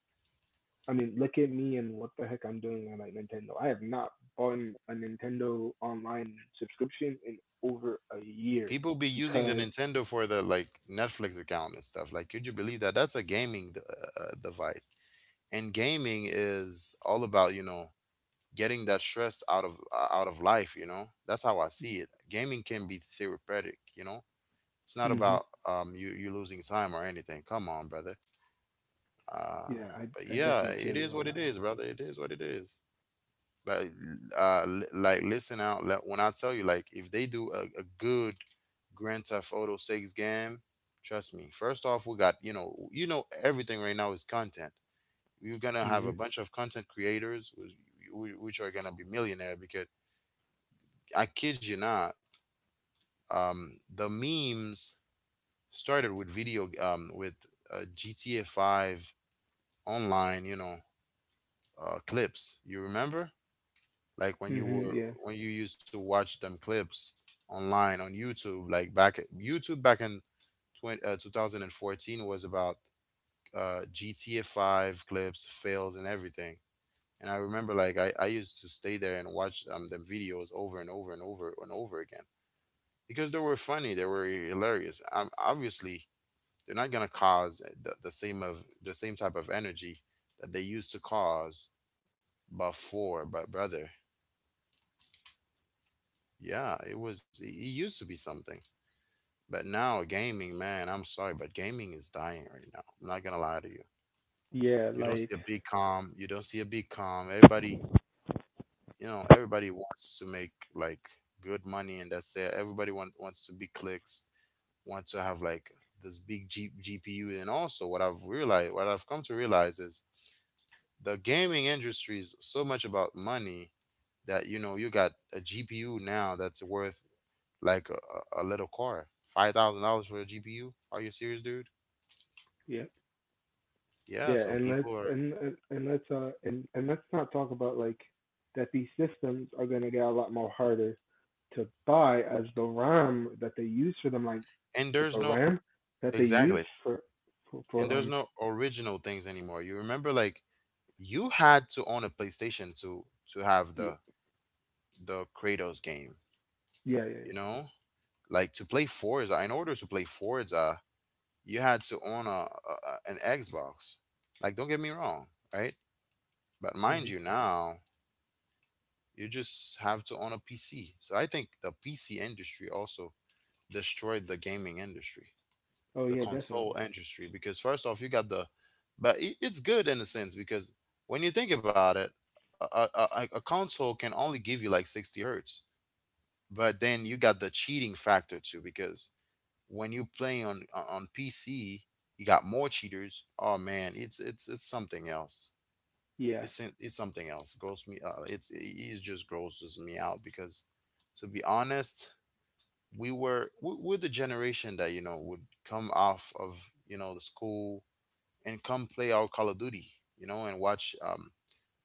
Speaker 2: I mean, look at me and what the heck I'm doing on like Nintendo. I have not bought a Nintendo online subscription in over a year
Speaker 1: People be using the
Speaker 2: because
Speaker 1: Nintendo for the like Netflix account and stuff. Like, could you believe that? That's a device, and gaming is all about getting that stress out of life. You know, that's how I see it. Gaming can be therapeutic. It's not
Speaker 2: hmm
Speaker 1: about you losing time or anything. Come on, brother. Uh,
Speaker 2: yeah,
Speaker 1: but
Speaker 2: I
Speaker 1: yeah,
Speaker 2: definitely
Speaker 1: it
Speaker 2: feel
Speaker 1: is
Speaker 2: you
Speaker 1: what
Speaker 2: on
Speaker 1: it
Speaker 2: that one.
Speaker 1: is, brother. It is what it is. Like uh li- like listen out, like, when I tell you, like, if they do a good Grand Theft Auto 6 game, trust me. First off, we got everything right now is content. You're gonna have a
Speaker 2: Mhm.
Speaker 1: bunch of content creators which are gonna be millionaire because I kid you not, the memes started with video with GTA 5 online, clips, you remember, like when you
Speaker 2: Mhm.
Speaker 1: were
Speaker 2: Yeah.
Speaker 1: when you used to watch them clips online on YouTube, like back at, YouTube back in 2014, was about GTA 5 clips, fails and everything. And I remember, like, I used to stay there and watch them videos over and over and over and over again because they were funny, they were hilarious. Obviously, they're not gonna cause the same type of energy that they used to cause before, but brother, yeah, it used to be something. But now gaming, man, I'm sorry, but gaming is dying right now. I'm not gonna lie to you.
Speaker 2: Yeah.
Speaker 1: You don't see a
Speaker 2: Like
Speaker 1: big calm. You don't see a big calm. Everybody, you know, everybody wants to make like good money, and that's it. Everybody wants to be clicks. Want to have like this big GPU, and also what I've realized, what I've come to realize is the gaming industry is so much about money that, you know, you got a GPU now that's worth like a little car. $5,000 for a GPU? Are you serious, dude?
Speaker 2: yeah.
Speaker 1: Yeah,
Speaker 2: Yeah,
Speaker 1: so
Speaker 2: and
Speaker 1: people are,
Speaker 2: and let's and let's not talk about like that these systems are gonna get a lot more harder to buy as the RAM that they use for them, like
Speaker 1: and
Speaker 2: the
Speaker 1: there's no,
Speaker 2: RAM that they use
Speaker 1: exactly, and
Speaker 2: for
Speaker 1: there's no original things anymore. You remember, like, you had to own a PlayStation to have
Speaker 2: yeah
Speaker 1: the Kratos game,
Speaker 2: yeah yeah,
Speaker 1: you know, like to play Forza. In order to play Forza, you had to own an Xbox. Like, don't get me wrong, right? But
Speaker 2: yeah.
Speaker 1: mind you, now you just have to own a PC. So I think the PC industry also destroyed the gaming industry,
Speaker 2: Oh
Speaker 1: the
Speaker 2: yeah, definitely.
Speaker 1: console industry, because first off you got the, but it, it's good in a sense because when you think about it, a, a, a console can only give you like 60 hertz. But then you got the cheating factor too, because when you play on PC, you got more cheaters. Oh man, it's something else.
Speaker 2: Yeah.
Speaker 1: It's something else. Gross me it's it just grosses me out because, to be honest, we were we're the generation that, you know, would come off of, you know, the school and come play our Call of Duty, you know, and watch um,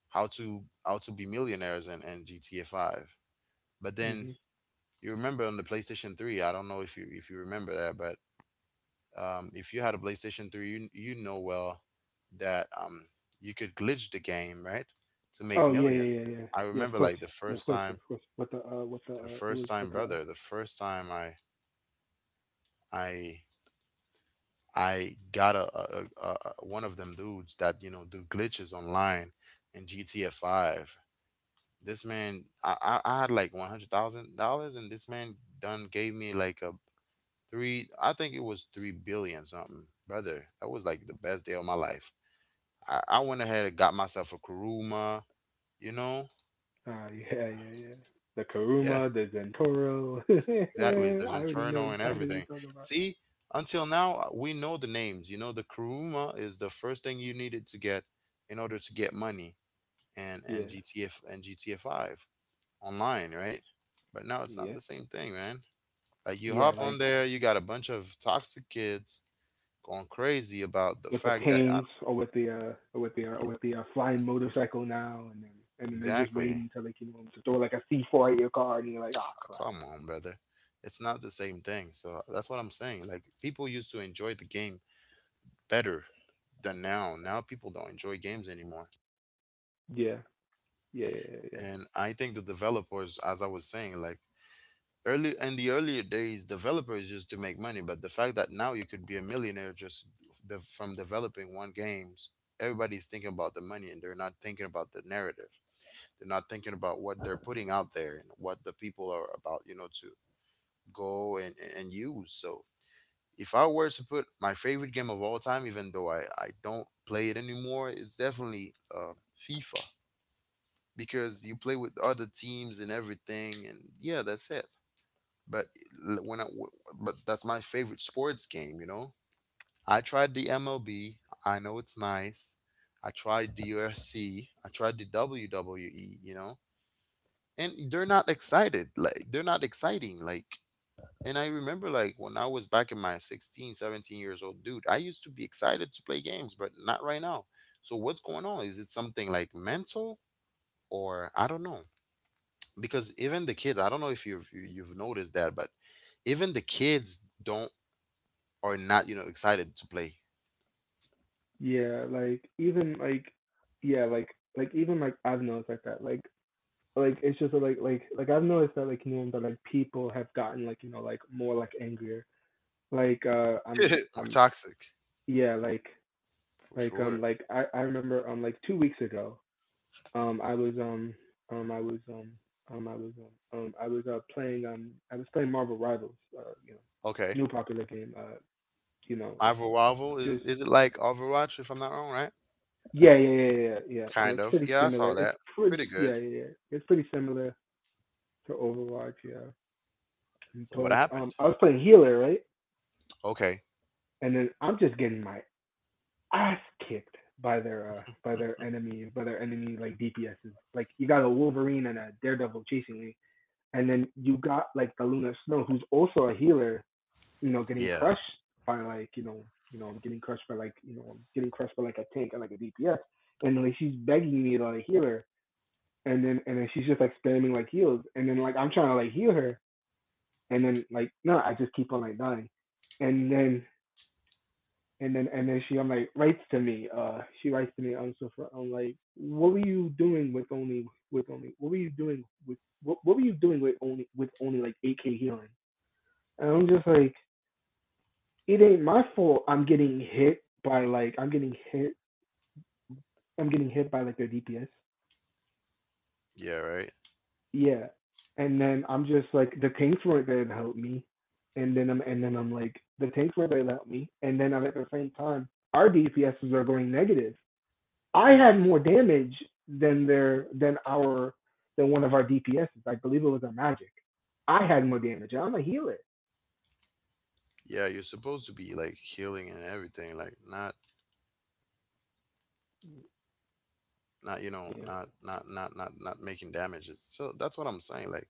Speaker 1: how to how to be millionaires and, GTA 5. But then
Speaker 2: hmm
Speaker 1: you remember on the PlayStation 3, I don't know if you remember that, but if you had a PlayStation 3, you know well that you could glitch the game, right, to make
Speaker 2: oh yeah yeah
Speaker 1: millions.
Speaker 2: yeah yeah
Speaker 1: I
Speaker 2: yeah of
Speaker 1: remember,
Speaker 2: course.
Speaker 1: like,
Speaker 2: Yeah of course yeah of course what the
Speaker 1: the
Speaker 2: it
Speaker 1: first
Speaker 2: was
Speaker 1: time,
Speaker 2: what the
Speaker 1: brother, the first time I I got a one of them dudes that, you know, do glitches online in GTA 5. This man, I had like $100,000, and this man done gave me like a three. I think it was 3 billion something, brother. That was like the best day of my life. I went ahead and got myself a Karuma. You know,
Speaker 2: Ah, yeah, yeah, yeah, the
Speaker 1: yeah,
Speaker 2: Karuma, the Zentoro,
Speaker 1: exactly. There's
Speaker 2: I already know
Speaker 1: internal and
Speaker 2: exactly what
Speaker 1: everything.
Speaker 2: you're talking about.
Speaker 1: See, until now, we know the names. You know, the Karuma is the first thing you needed to get in order to get money and and
Speaker 2: Yeah.
Speaker 1: GTF and GTA 5 online, right? But now it's not
Speaker 2: Yeah,
Speaker 1: the same thing, man. Like, you
Speaker 2: yeah,
Speaker 1: hop on
Speaker 2: like
Speaker 1: there, you got a bunch of toxic kids going crazy about the
Speaker 2: with the
Speaker 1: fact that
Speaker 2: canes, or with the or with the or
Speaker 1: y-
Speaker 2: with the flying motorcycle now. And then and then they're just
Speaker 1: exactly.
Speaker 2: waiting until they can, to throw like a C four at your car, and you're like, oh
Speaker 1: Oh,
Speaker 2: crap.
Speaker 1: come on, brother. It's not the same thing. So that's what I'm saying. Like, people used to enjoy the game better than now. Now people don't enjoy games anymore.
Speaker 2: Yeah, yeah, yeah,
Speaker 1: And I think the developers, as I was saying, like, early in the earlier days, developers used to make money. But the fact that now you could be a millionaire just from developing one games, everybody's thinking about the money and they're not thinking about the narrative. They're not thinking about what they're putting out there and what the people are about, you know, to go and use. So if I were to put my favorite game of all time, even though I don't play it anymore, it's definitely FIFA, because you play with other teams and everything. And yeah, that's it. But when I but that's my favorite sports game, you know? I tried the MLB. I know it's nice. I tried the UFC. I tried the WWE. You know, and they're not exciting like, and I remember, like, when I was back in my 16, 17 years old, dude, I used to be excited to play games, but not right now. So what's going on? Is it something like mental, or I don't know, because even the kids, I don't know if you've noticed that, but even the kids don't, are not, you know, excited to play.
Speaker 2: yeah, yeah. Like even like yeah, like like, even, I've noticed like that, like it's just like I've noticed that, like you know, that people have gotten, like you know, more angrier. Like uh I'm
Speaker 1: More
Speaker 2: I'm
Speaker 1: toxic,
Speaker 2: yeah, like
Speaker 1: for sure.
Speaker 2: I remember, like 2 weeks ago. I was I was I was I was playing I was playing Marvel Rivals, uh, you know,
Speaker 1: Okay.
Speaker 2: new popular game. You know. uh,
Speaker 1: Overwatch,
Speaker 2: just
Speaker 1: is it like Overwatch, if I'm not wrong, right?
Speaker 2: yeah.
Speaker 1: Kind
Speaker 2: It's
Speaker 1: of,
Speaker 2: pretty
Speaker 1: yeah, I
Speaker 2: similar.
Speaker 1: saw
Speaker 2: It's
Speaker 1: that.
Speaker 2: pretty,
Speaker 1: Pretty good.
Speaker 2: yeah, yeah, yeah, it's pretty similar to Overwatch. Yeah,
Speaker 1: So what
Speaker 2: but
Speaker 1: happened?
Speaker 2: I was playing healer, right,
Speaker 1: Okay.
Speaker 2: and then I'm just getting my ass kicked by their enemy like DPSs. Like, you got a Wolverine and a Daredevil chasing me. And then you got like the Luna Snow, who's also a healer, you know, getting crushed
Speaker 1: Yeah.
Speaker 2: by, like, you know, I'm getting crushed by like, you know, I'm getting crushed by like a tank and like a DPS. And like, she's begging me to like heal her. And then she's just like spamming like heals. And then like I'm trying to like heal her. And then, like, no, I just keep on like dying. And then and then and then she I'm like, writes to me. She writes to me, I'm so fr- I'm like, what were you doing with only with only? What were you doing with what were you doing with only, like, 8k healing? And I'm just like, it ain't my fault. I'm getting hit by, like, I'm getting hit by like their DPS.
Speaker 1: Yeah, right.
Speaker 2: Yeah. And then I'm just like, the tanks weren't there to help me. And then I'm like the tanks weren't there to help me. And then I'm, at the same time, our DPSs are going negative. I had more damage than their than our than one of our DPSs. I believe it was our magic. I had more damage. I'm a healer.
Speaker 1: Yeah, you're supposed to be like healing and everything, like not, not, you know,
Speaker 2: Yeah.
Speaker 1: not making damages. So that's what I'm saying. Like,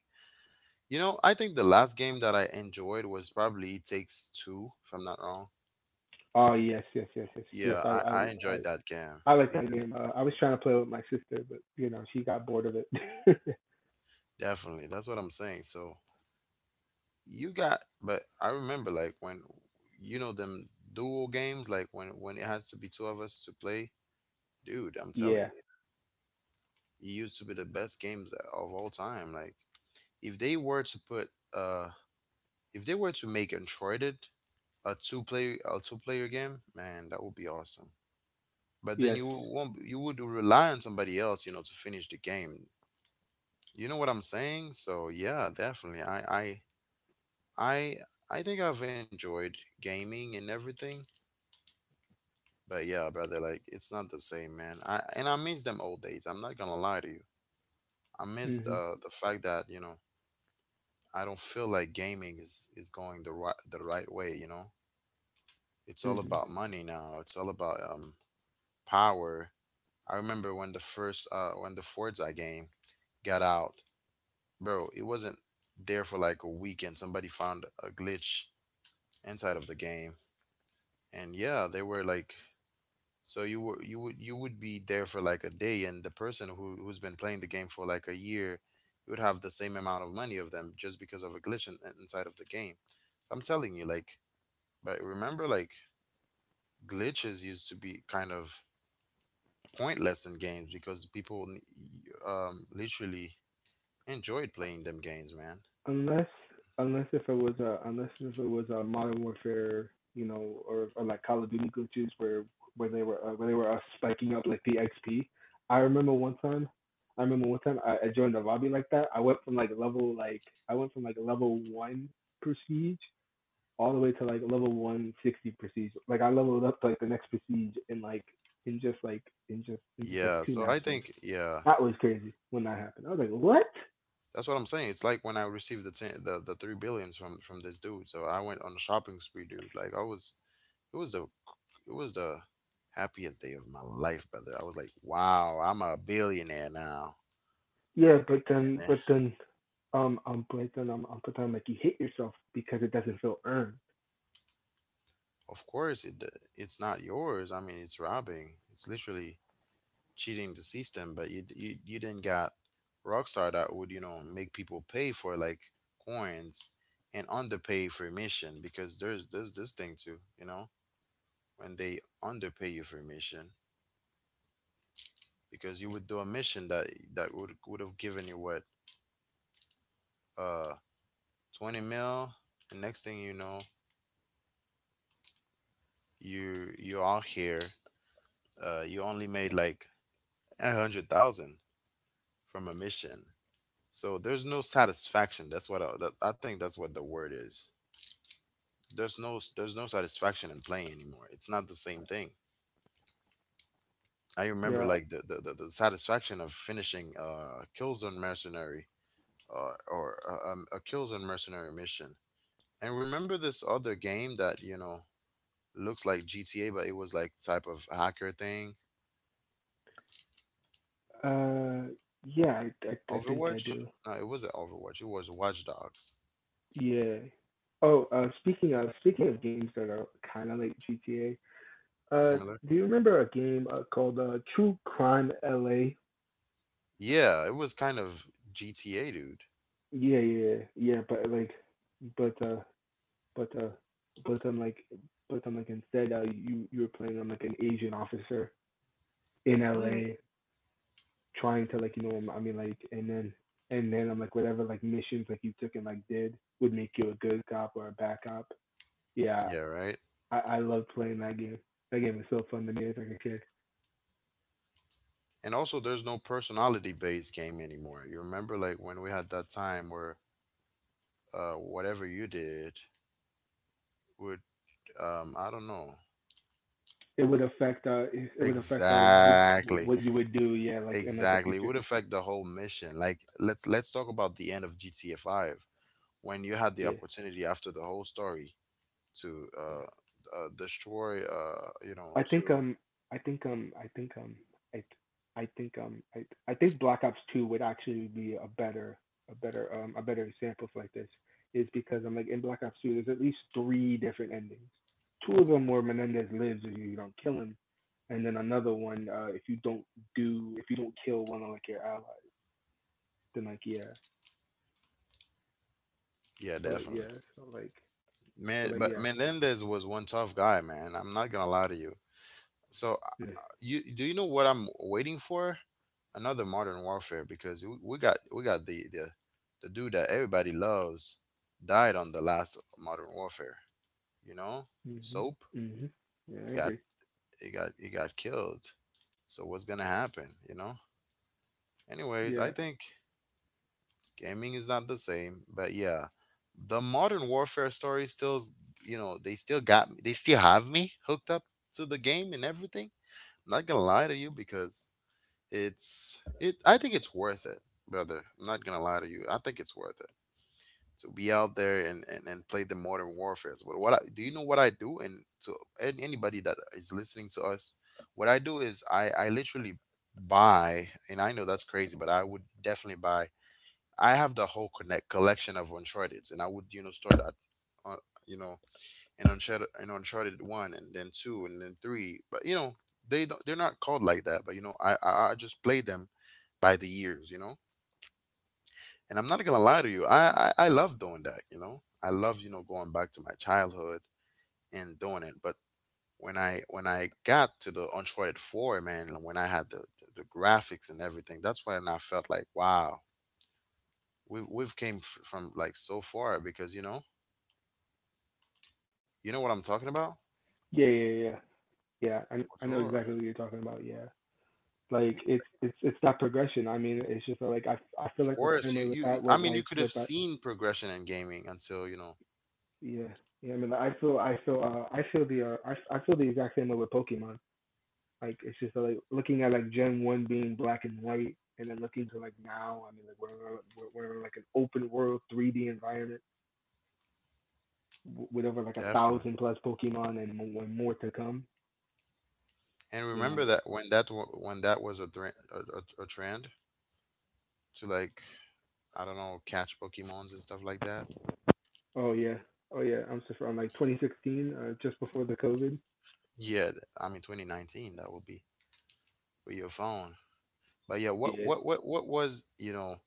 Speaker 1: you know, I think the last game that I enjoyed was probably It Takes Two, if I'm not wrong.
Speaker 2: Oh, yes, yes, yes, yes, yes.
Speaker 1: Yeah, I, I
Speaker 2: I,
Speaker 1: enjoyed that game
Speaker 2: I like that
Speaker 1: because,
Speaker 2: game. I was trying to play with my sister, but you know, she got bored of it.
Speaker 1: definitely, that's what I'm saying. So you got, but I remember, like, when, you know, them duo games, like when it has to be two of us to play, dude, I'm telling
Speaker 2: Yeah.
Speaker 1: you. It used to be the best games of all time. Like, if they were to put uh if they were to make Uncharted a two player game, man, that would be awesome. But then
Speaker 2: Yes.
Speaker 1: you won't, you would rely on somebody else, you know, to finish the game. You know what I'm saying? So yeah, definitely. I I think I've enjoyed gaming and everything. But yeah, brother, like, it's not the same, man. I, and I miss them old days. I'm not gonna lie to you. I miss
Speaker 2: Mhm.
Speaker 1: the fact that, you know, I don't feel like gaming is going the right way. You know, it's all
Speaker 2: Mhm.
Speaker 1: about money now. It's all about, power. I remember when the first when the Forza game got out, bro. It wasn't there for like a week, and somebody found a glitch inside of the game, and yeah, they were like, so you were, you would, you would be there for like a day, and the person who, who's been playing the game for like a year, you would have the same amount of money of them just because of a glitch inside of the game. So I'm telling you, like, but remember, like, glitches used to be kind of pointless in games because people, literally, enjoyed playing them games, man.
Speaker 2: Unless unless if it was a unless if it was a Modern Warfare, you know, or like Call of Duty glitches where they were spiking up like the XP. I remember one time. I joined a lobby like that. I went from like level, like, I went from like level one prestige, all the way to like level 160 prestige. Like, I leveled up to like the next prestige in in just like in just like
Speaker 1: Yeah,
Speaker 2: two
Speaker 1: so I
Speaker 2: matches.
Speaker 1: think, yeah,
Speaker 2: That was crazy when that happened. I was like, what?
Speaker 1: that's what I'm saying. It's like when I received the 3 billions from this dude. So I went on a shopping spree, dude. Like, I was, it was the, it was the happiest day of my life, brother. I was like, wow, I'm a billionaire now.
Speaker 2: Yeah, but
Speaker 1: And
Speaker 2: then
Speaker 1: then,
Speaker 2: but then, like, you hit yourself because it doesn't feel earned.
Speaker 1: of course, it, it's not yours. I mean, it's robbing. It's literally cheating the system, but you, you didn't got Rockstar that would, you know, make people pay for like coins and underpay for a mission. Because there's this thing too, you know, when they underpay you for a mission, because you would do a mission that would have given you what, uh 20 mil, and next thing you know, you are here, you only made like 100,000 from a mission. So there's no satisfaction. That's what I, that, I think that's what the word is. There's no satisfaction in playing anymore. It's not the same thing. I remember
Speaker 2: Yeah.
Speaker 1: like the satisfaction of finishing Killzone Mercenary or a Killzone Mercenary mission. And remember this other game that you know looks like GTA, but it was like type of hacker thing.
Speaker 2: Uh, yeah, I think I
Speaker 1: Overwatch?
Speaker 2: do.
Speaker 1: No, it wasn't Overwatch. It was Watch Dogs.
Speaker 2: Yeah. Oh, speaking of games that are kind of like GTA, uh,
Speaker 1: Similar.
Speaker 2: do you remember a game, called, True Crime LA?
Speaker 1: Yeah, it was kind of GTA, dude.
Speaker 2: Yeah, yeah, yeah. But like, but uh, but uh, but I'm like, but I'm like, instead, you you were playing, like, an Asian officer in
Speaker 1: Hmm.
Speaker 2: LA, trying to like, you know, I mean, like, and then I'm like, whatever like missions like you took and like did would make you a good cop or a bad cop. Yeah,
Speaker 1: Yeah, right.
Speaker 2: I love playing that game. That game was so fun to me as like a kid.
Speaker 1: And also there's no personality based game anymore. You remember like when we had that time where whatever you did would, I don't know.
Speaker 2: It would affect,
Speaker 1: Exactly,
Speaker 2: what you would do. Yeah, like in like the
Speaker 1: exactly, it
Speaker 2: future.
Speaker 1: would affect the whole mission. Like let's talk about the end of gta 5, when you had the
Speaker 2: Yeah,
Speaker 1: opportunity after the whole story to
Speaker 2: yeah.
Speaker 1: destroy, uh, you know,
Speaker 2: I think
Speaker 1: to,
Speaker 2: I think I think I I think I think Black Ops Two would actually be a better, a better example of like this is, because I'm like, in Black Ops Two there's at least three different endings. Two of them where Menendez lives if you don't kill him, and then another one, uh, if you don't kill one of like your allies, then, like, yeah.
Speaker 1: yeah,
Speaker 2: so like
Speaker 1: definitely.
Speaker 2: yeah so like so
Speaker 1: Man,
Speaker 2: like
Speaker 1: but
Speaker 2: yes.
Speaker 1: man, Menendez was one tough guy, man, I'm not gonna lie to you. So
Speaker 2: Yeah.
Speaker 1: you, do you know what I'm waiting for? Another Modern Warfare, because we got the dude that everybody loves died on the last Modern Warfare. You know,
Speaker 2: Mhm.
Speaker 1: Soap.
Speaker 2: Mhm. Yeah,
Speaker 1: He
Speaker 2: I
Speaker 1: got
Speaker 2: agree.
Speaker 1: he got killed. So what's gonna happen? You know. Anyways, I
Speaker 2: Yeah,
Speaker 1: think gaming is not the same, but yeah, the Modern Warfare story still, you know, they still got me, they still have me hooked up to the game and everything. I'm not gonna lie to you, because it's it. I think it's worth it, brother. I'm not gonna lie to you. I think it's worth it to be out there and and play the modern warfare. But what I, do you know? What I do, and to anybody that is listening to us, what I do is I literally buy, and I know that's crazy, but I would definitely buy. I have the whole connect collection of Uncharted, and I would, you know, start at, uh, you know, in Uncharted one, and then two, and then three. But you know, they don't, they're not called like that, but you know, I just play them by the years, you know? And I'm not gonna lie to you, I love doing that, you know? I love, you know, going back to my childhood and doing it. But when I got to the Uncharted 4, man, when I had the graphics and everything, that's when I felt like, wow, we've came from like so far, because you know what I'm talking about?
Speaker 2: yeah, yeah, yeah. Yeah,
Speaker 1: For
Speaker 2: I know
Speaker 1: sure.
Speaker 2: exactly what you're talking about. Yeah, like, it's that progression. I mean, it's just like, I feel
Speaker 1: Of
Speaker 2: like the
Speaker 1: course,
Speaker 2: same with
Speaker 1: you,
Speaker 2: that,
Speaker 1: I
Speaker 2: with
Speaker 1: mean, you
Speaker 2: like
Speaker 1: could have
Speaker 2: with that.
Speaker 1: seen progression in gaming until, you know,
Speaker 2: Yeah, yeah. I mean, like, I feel, I feel the I feel the exact same way with Pokemon. Like, it's just like looking at like Gen One being black and white, and then looking to like now. I mean, like, we're in like an open world 3D environment with over like a
Speaker 1: definitely.
Speaker 2: thousand plus Pokemon and more, more to come.
Speaker 1: And
Speaker 2: You know.
Speaker 1: remember that when that was a, a trend to like, I don't know, catch Pokemons and stuff like that.
Speaker 2: Oh yeah. Oh yeah. I'm so from like 2016, just before the COVID.
Speaker 1: Yeah, I mean 2019, that would be with your phone. But yeah, what
Speaker 2: Yeah.
Speaker 1: what what what was, you know,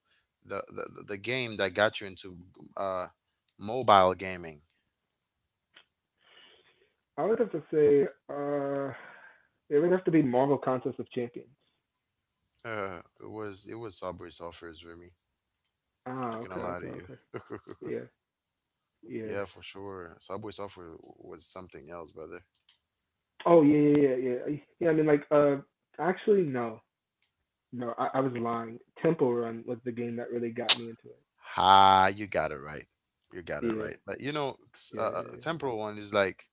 Speaker 1: the game that got you into uh mobile gaming?
Speaker 2: I would have to say, uh, it would have to be Marvel Contest of Champions.
Speaker 1: It was Subway Surfers for me.
Speaker 2: Ah,
Speaker 1: Not gonna
Speaker 2: okay,
Speaker 1: lie
Speaker 2: okay,
Speaker 1: to you.
Speaker 2: okay. Yeah, yeah.
Speaker 1: Yeah, for sure. Subway Surfers was something else, brother.
Speaker 2: Oh, yeah, yeah, yeah, yeah. Yeah, I mean, like, actually, no, no, I was lying. Temple Run was the game that really got me into it.
Speaker 1: Ah, you got it right. You got it
Speaker 2: Yeah,
Speaker 1: right. But you know,
Speaker 2: yeah, yeah, yeah.
Speaker 1: temporal one is like,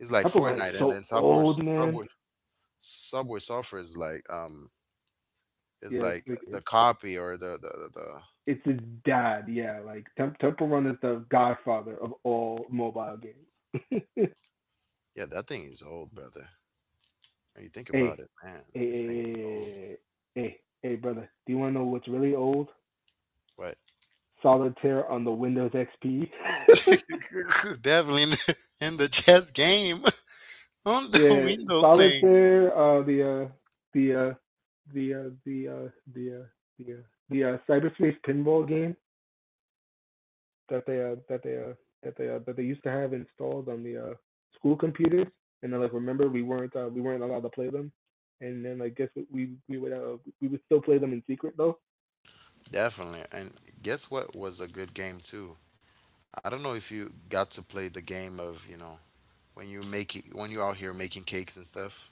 Speaker 1: is like
Speaker 2: Temple Run is
Speaker 1: Fortnite, and
Speaker 2: so
Speaker 1: then
Speaker 2: old, man.
Speaker 1: Subway Surfer is like, is
Speaker 2: Yeah, it's
Speaker 1: like
Speaker 2: like
Speaker 1: the copy or the
Speaker 2: it's his dad. Yeah, like, Temple Run is the godfather of all mobile games.
Speaker 1: yeah, that thing is old, brother. When you think about
Speaker 2: hey,
Speaker 1: it, man,
Speaker 2: Hey, hey,
Speaker 1: this thing
Speaker 2: hey,
Speaker 1: is old.
Speaker 2: hey, hey, brother. Do you want to know what's really old?
Speaker 1: But
Speaker 2: Solitaire on the Windows XP.
Speaker 1: definitely in the chess game on the
Speaker 2: Yeah,
Speaker 1: Windows thing.
Speaker 2: Solitaire. The uh, the uh, the uh, the uh, the The, cyberspace pinball game that they that they that they that they used to have installed on the, school computers. And then like, remember, we weren't, allowed to play them. And then like, guess what, we would, still play them in secret though.
Speaker 1: Definitely, and guess what was a good game too. I don't know if you got to play the game of, you know, when you make it, when you're out here making cakes and stuff.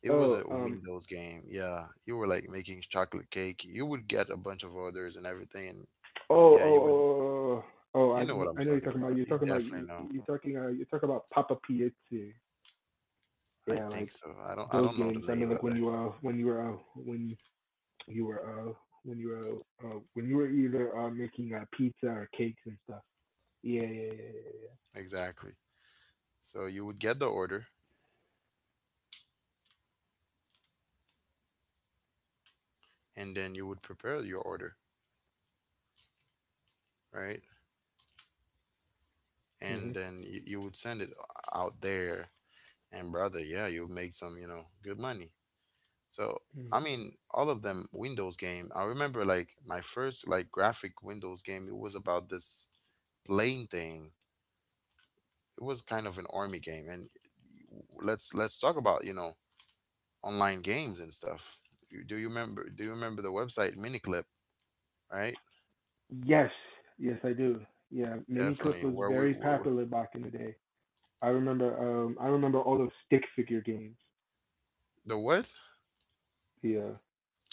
Speaker 1: It was a
Speaker 2: Oh,
Speaker 1: Windows game. Yeah, you were like making chocolate cake. You would get a bunch of orders and everything, and
Speaker 2: Oh, oh, oh,
Speaker 1: yeah, you would.
Speaker 2: oh, oh, oh, oh,
Speaker 1: You know what I'm
Speaker 2: I know you're
Speaker 1: talking
Speaker 2: talking about.
Speaker 1: about.
Speaker 2: You're
Speaker 1: You
Speaker 2: talking about.
Speaker 1: definitely know.
Speaker 2: You- are talking about you are talking. You're talking about Papa Piazza.
Speaker 1: I
Speaker 2: Yeah,
Speaker 1: think
Speaker 2: like
Speaker 1: so. I don't. I
Speaker 2: those
Speaker 1: don't know the
Speaker 2: games. I
Speaker 1: name
Speaker 2: mean, like, when
Speaker 1: rather.
Speaker 2: you were, when you were when you were when you were when you were either, making, pizza or cakes and stuff. Yeah, yeah, yeah, yeah.
Speaker 1: Exactly. So you would get the order, and then you would prepare your order, right?
Speaker 2: Yeah.
Speaker 1: And
Speaker 2: Mm-hmm.
Speaker 1: then you would send it out there, and brother, yeah, you would make some, you know, good money. So
Speaker 2: Mm.
Speaker 1: I mean, all of them Windows game. I remember like my first like graphic Windows game. It was about this plane thing. It was kind of an army game, and let's talk about, you know, online games and stuff. You, do you remember? Do you remember the website Miniclip? Right,
Speaker 2: Yes, yes, I do. Yeah, mini clip
Speaker 1: definitely.
Speaker 2: was
Speaker 1: Where
Speaker 2: very popular back in the day. I remember. I remember all those stick figure games.
Speaker 1: the what?
Speaker 2: Yeah,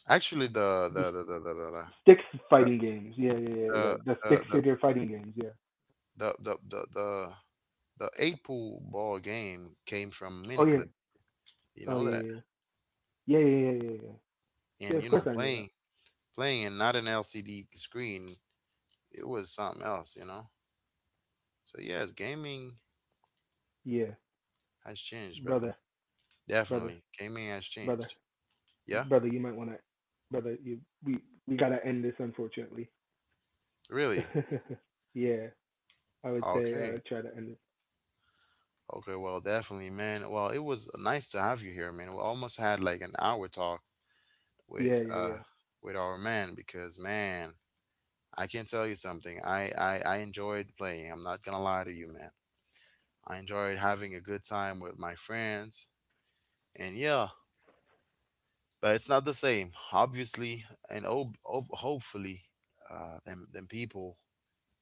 Speaker 1: Actually,
Speaker 2: the Sticks fighting games. Yeah, yeah, yeah, yeah.
Speaker 1: the
Speaker 2: The stick
Speaker 1: the
Speaker 2: figure fighting games. Yeah.
Speaker 1: the the the, the the eight pool ball game came from
Speaker 2: Oh yeah.
Speaker 1: Miniclip. You
Speaker 2: Oh
Speaker 1: know that,
Speaker 2: yeah, yeah, yeah, yeah, yeah, yeah, yeah. Yeah, yeah, yeah, of
Speaker 1: and you
Speaker 2: course
Speaker 1: know
Speaker 2: I knew that.
Speaker 1: playing and not an LCD screen. It was something else, you know. So yes, gaming has changed, brother. Definitely, gaming has changed. Yeah, really. Okay. Okay, well, definitely, man. Well, it was nice to have you here, man. We almost had like an hour talk with uh with our man, because man, I can tell you something. I enjoyed playing. I'm not gonna lie to you, man. I enjoyed having a good time with my friends, and yeah, but it's not the same, obviously. And hopefully, them people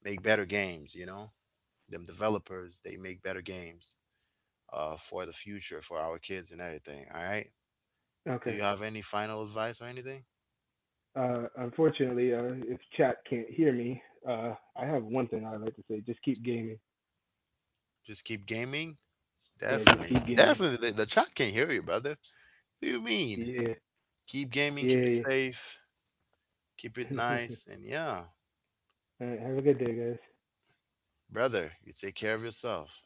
Speaker 1: make better games. You know, them developers they make better games for the future for our kids and everything. All right. Do you have any final advice or anything? Just keep gaming? Definitely. Mhm. Definitely. The chat can hear you, brother. What do you mean? Keep gaming, keep it safe, keep it nice, and yeah, brother, you take care of yourself.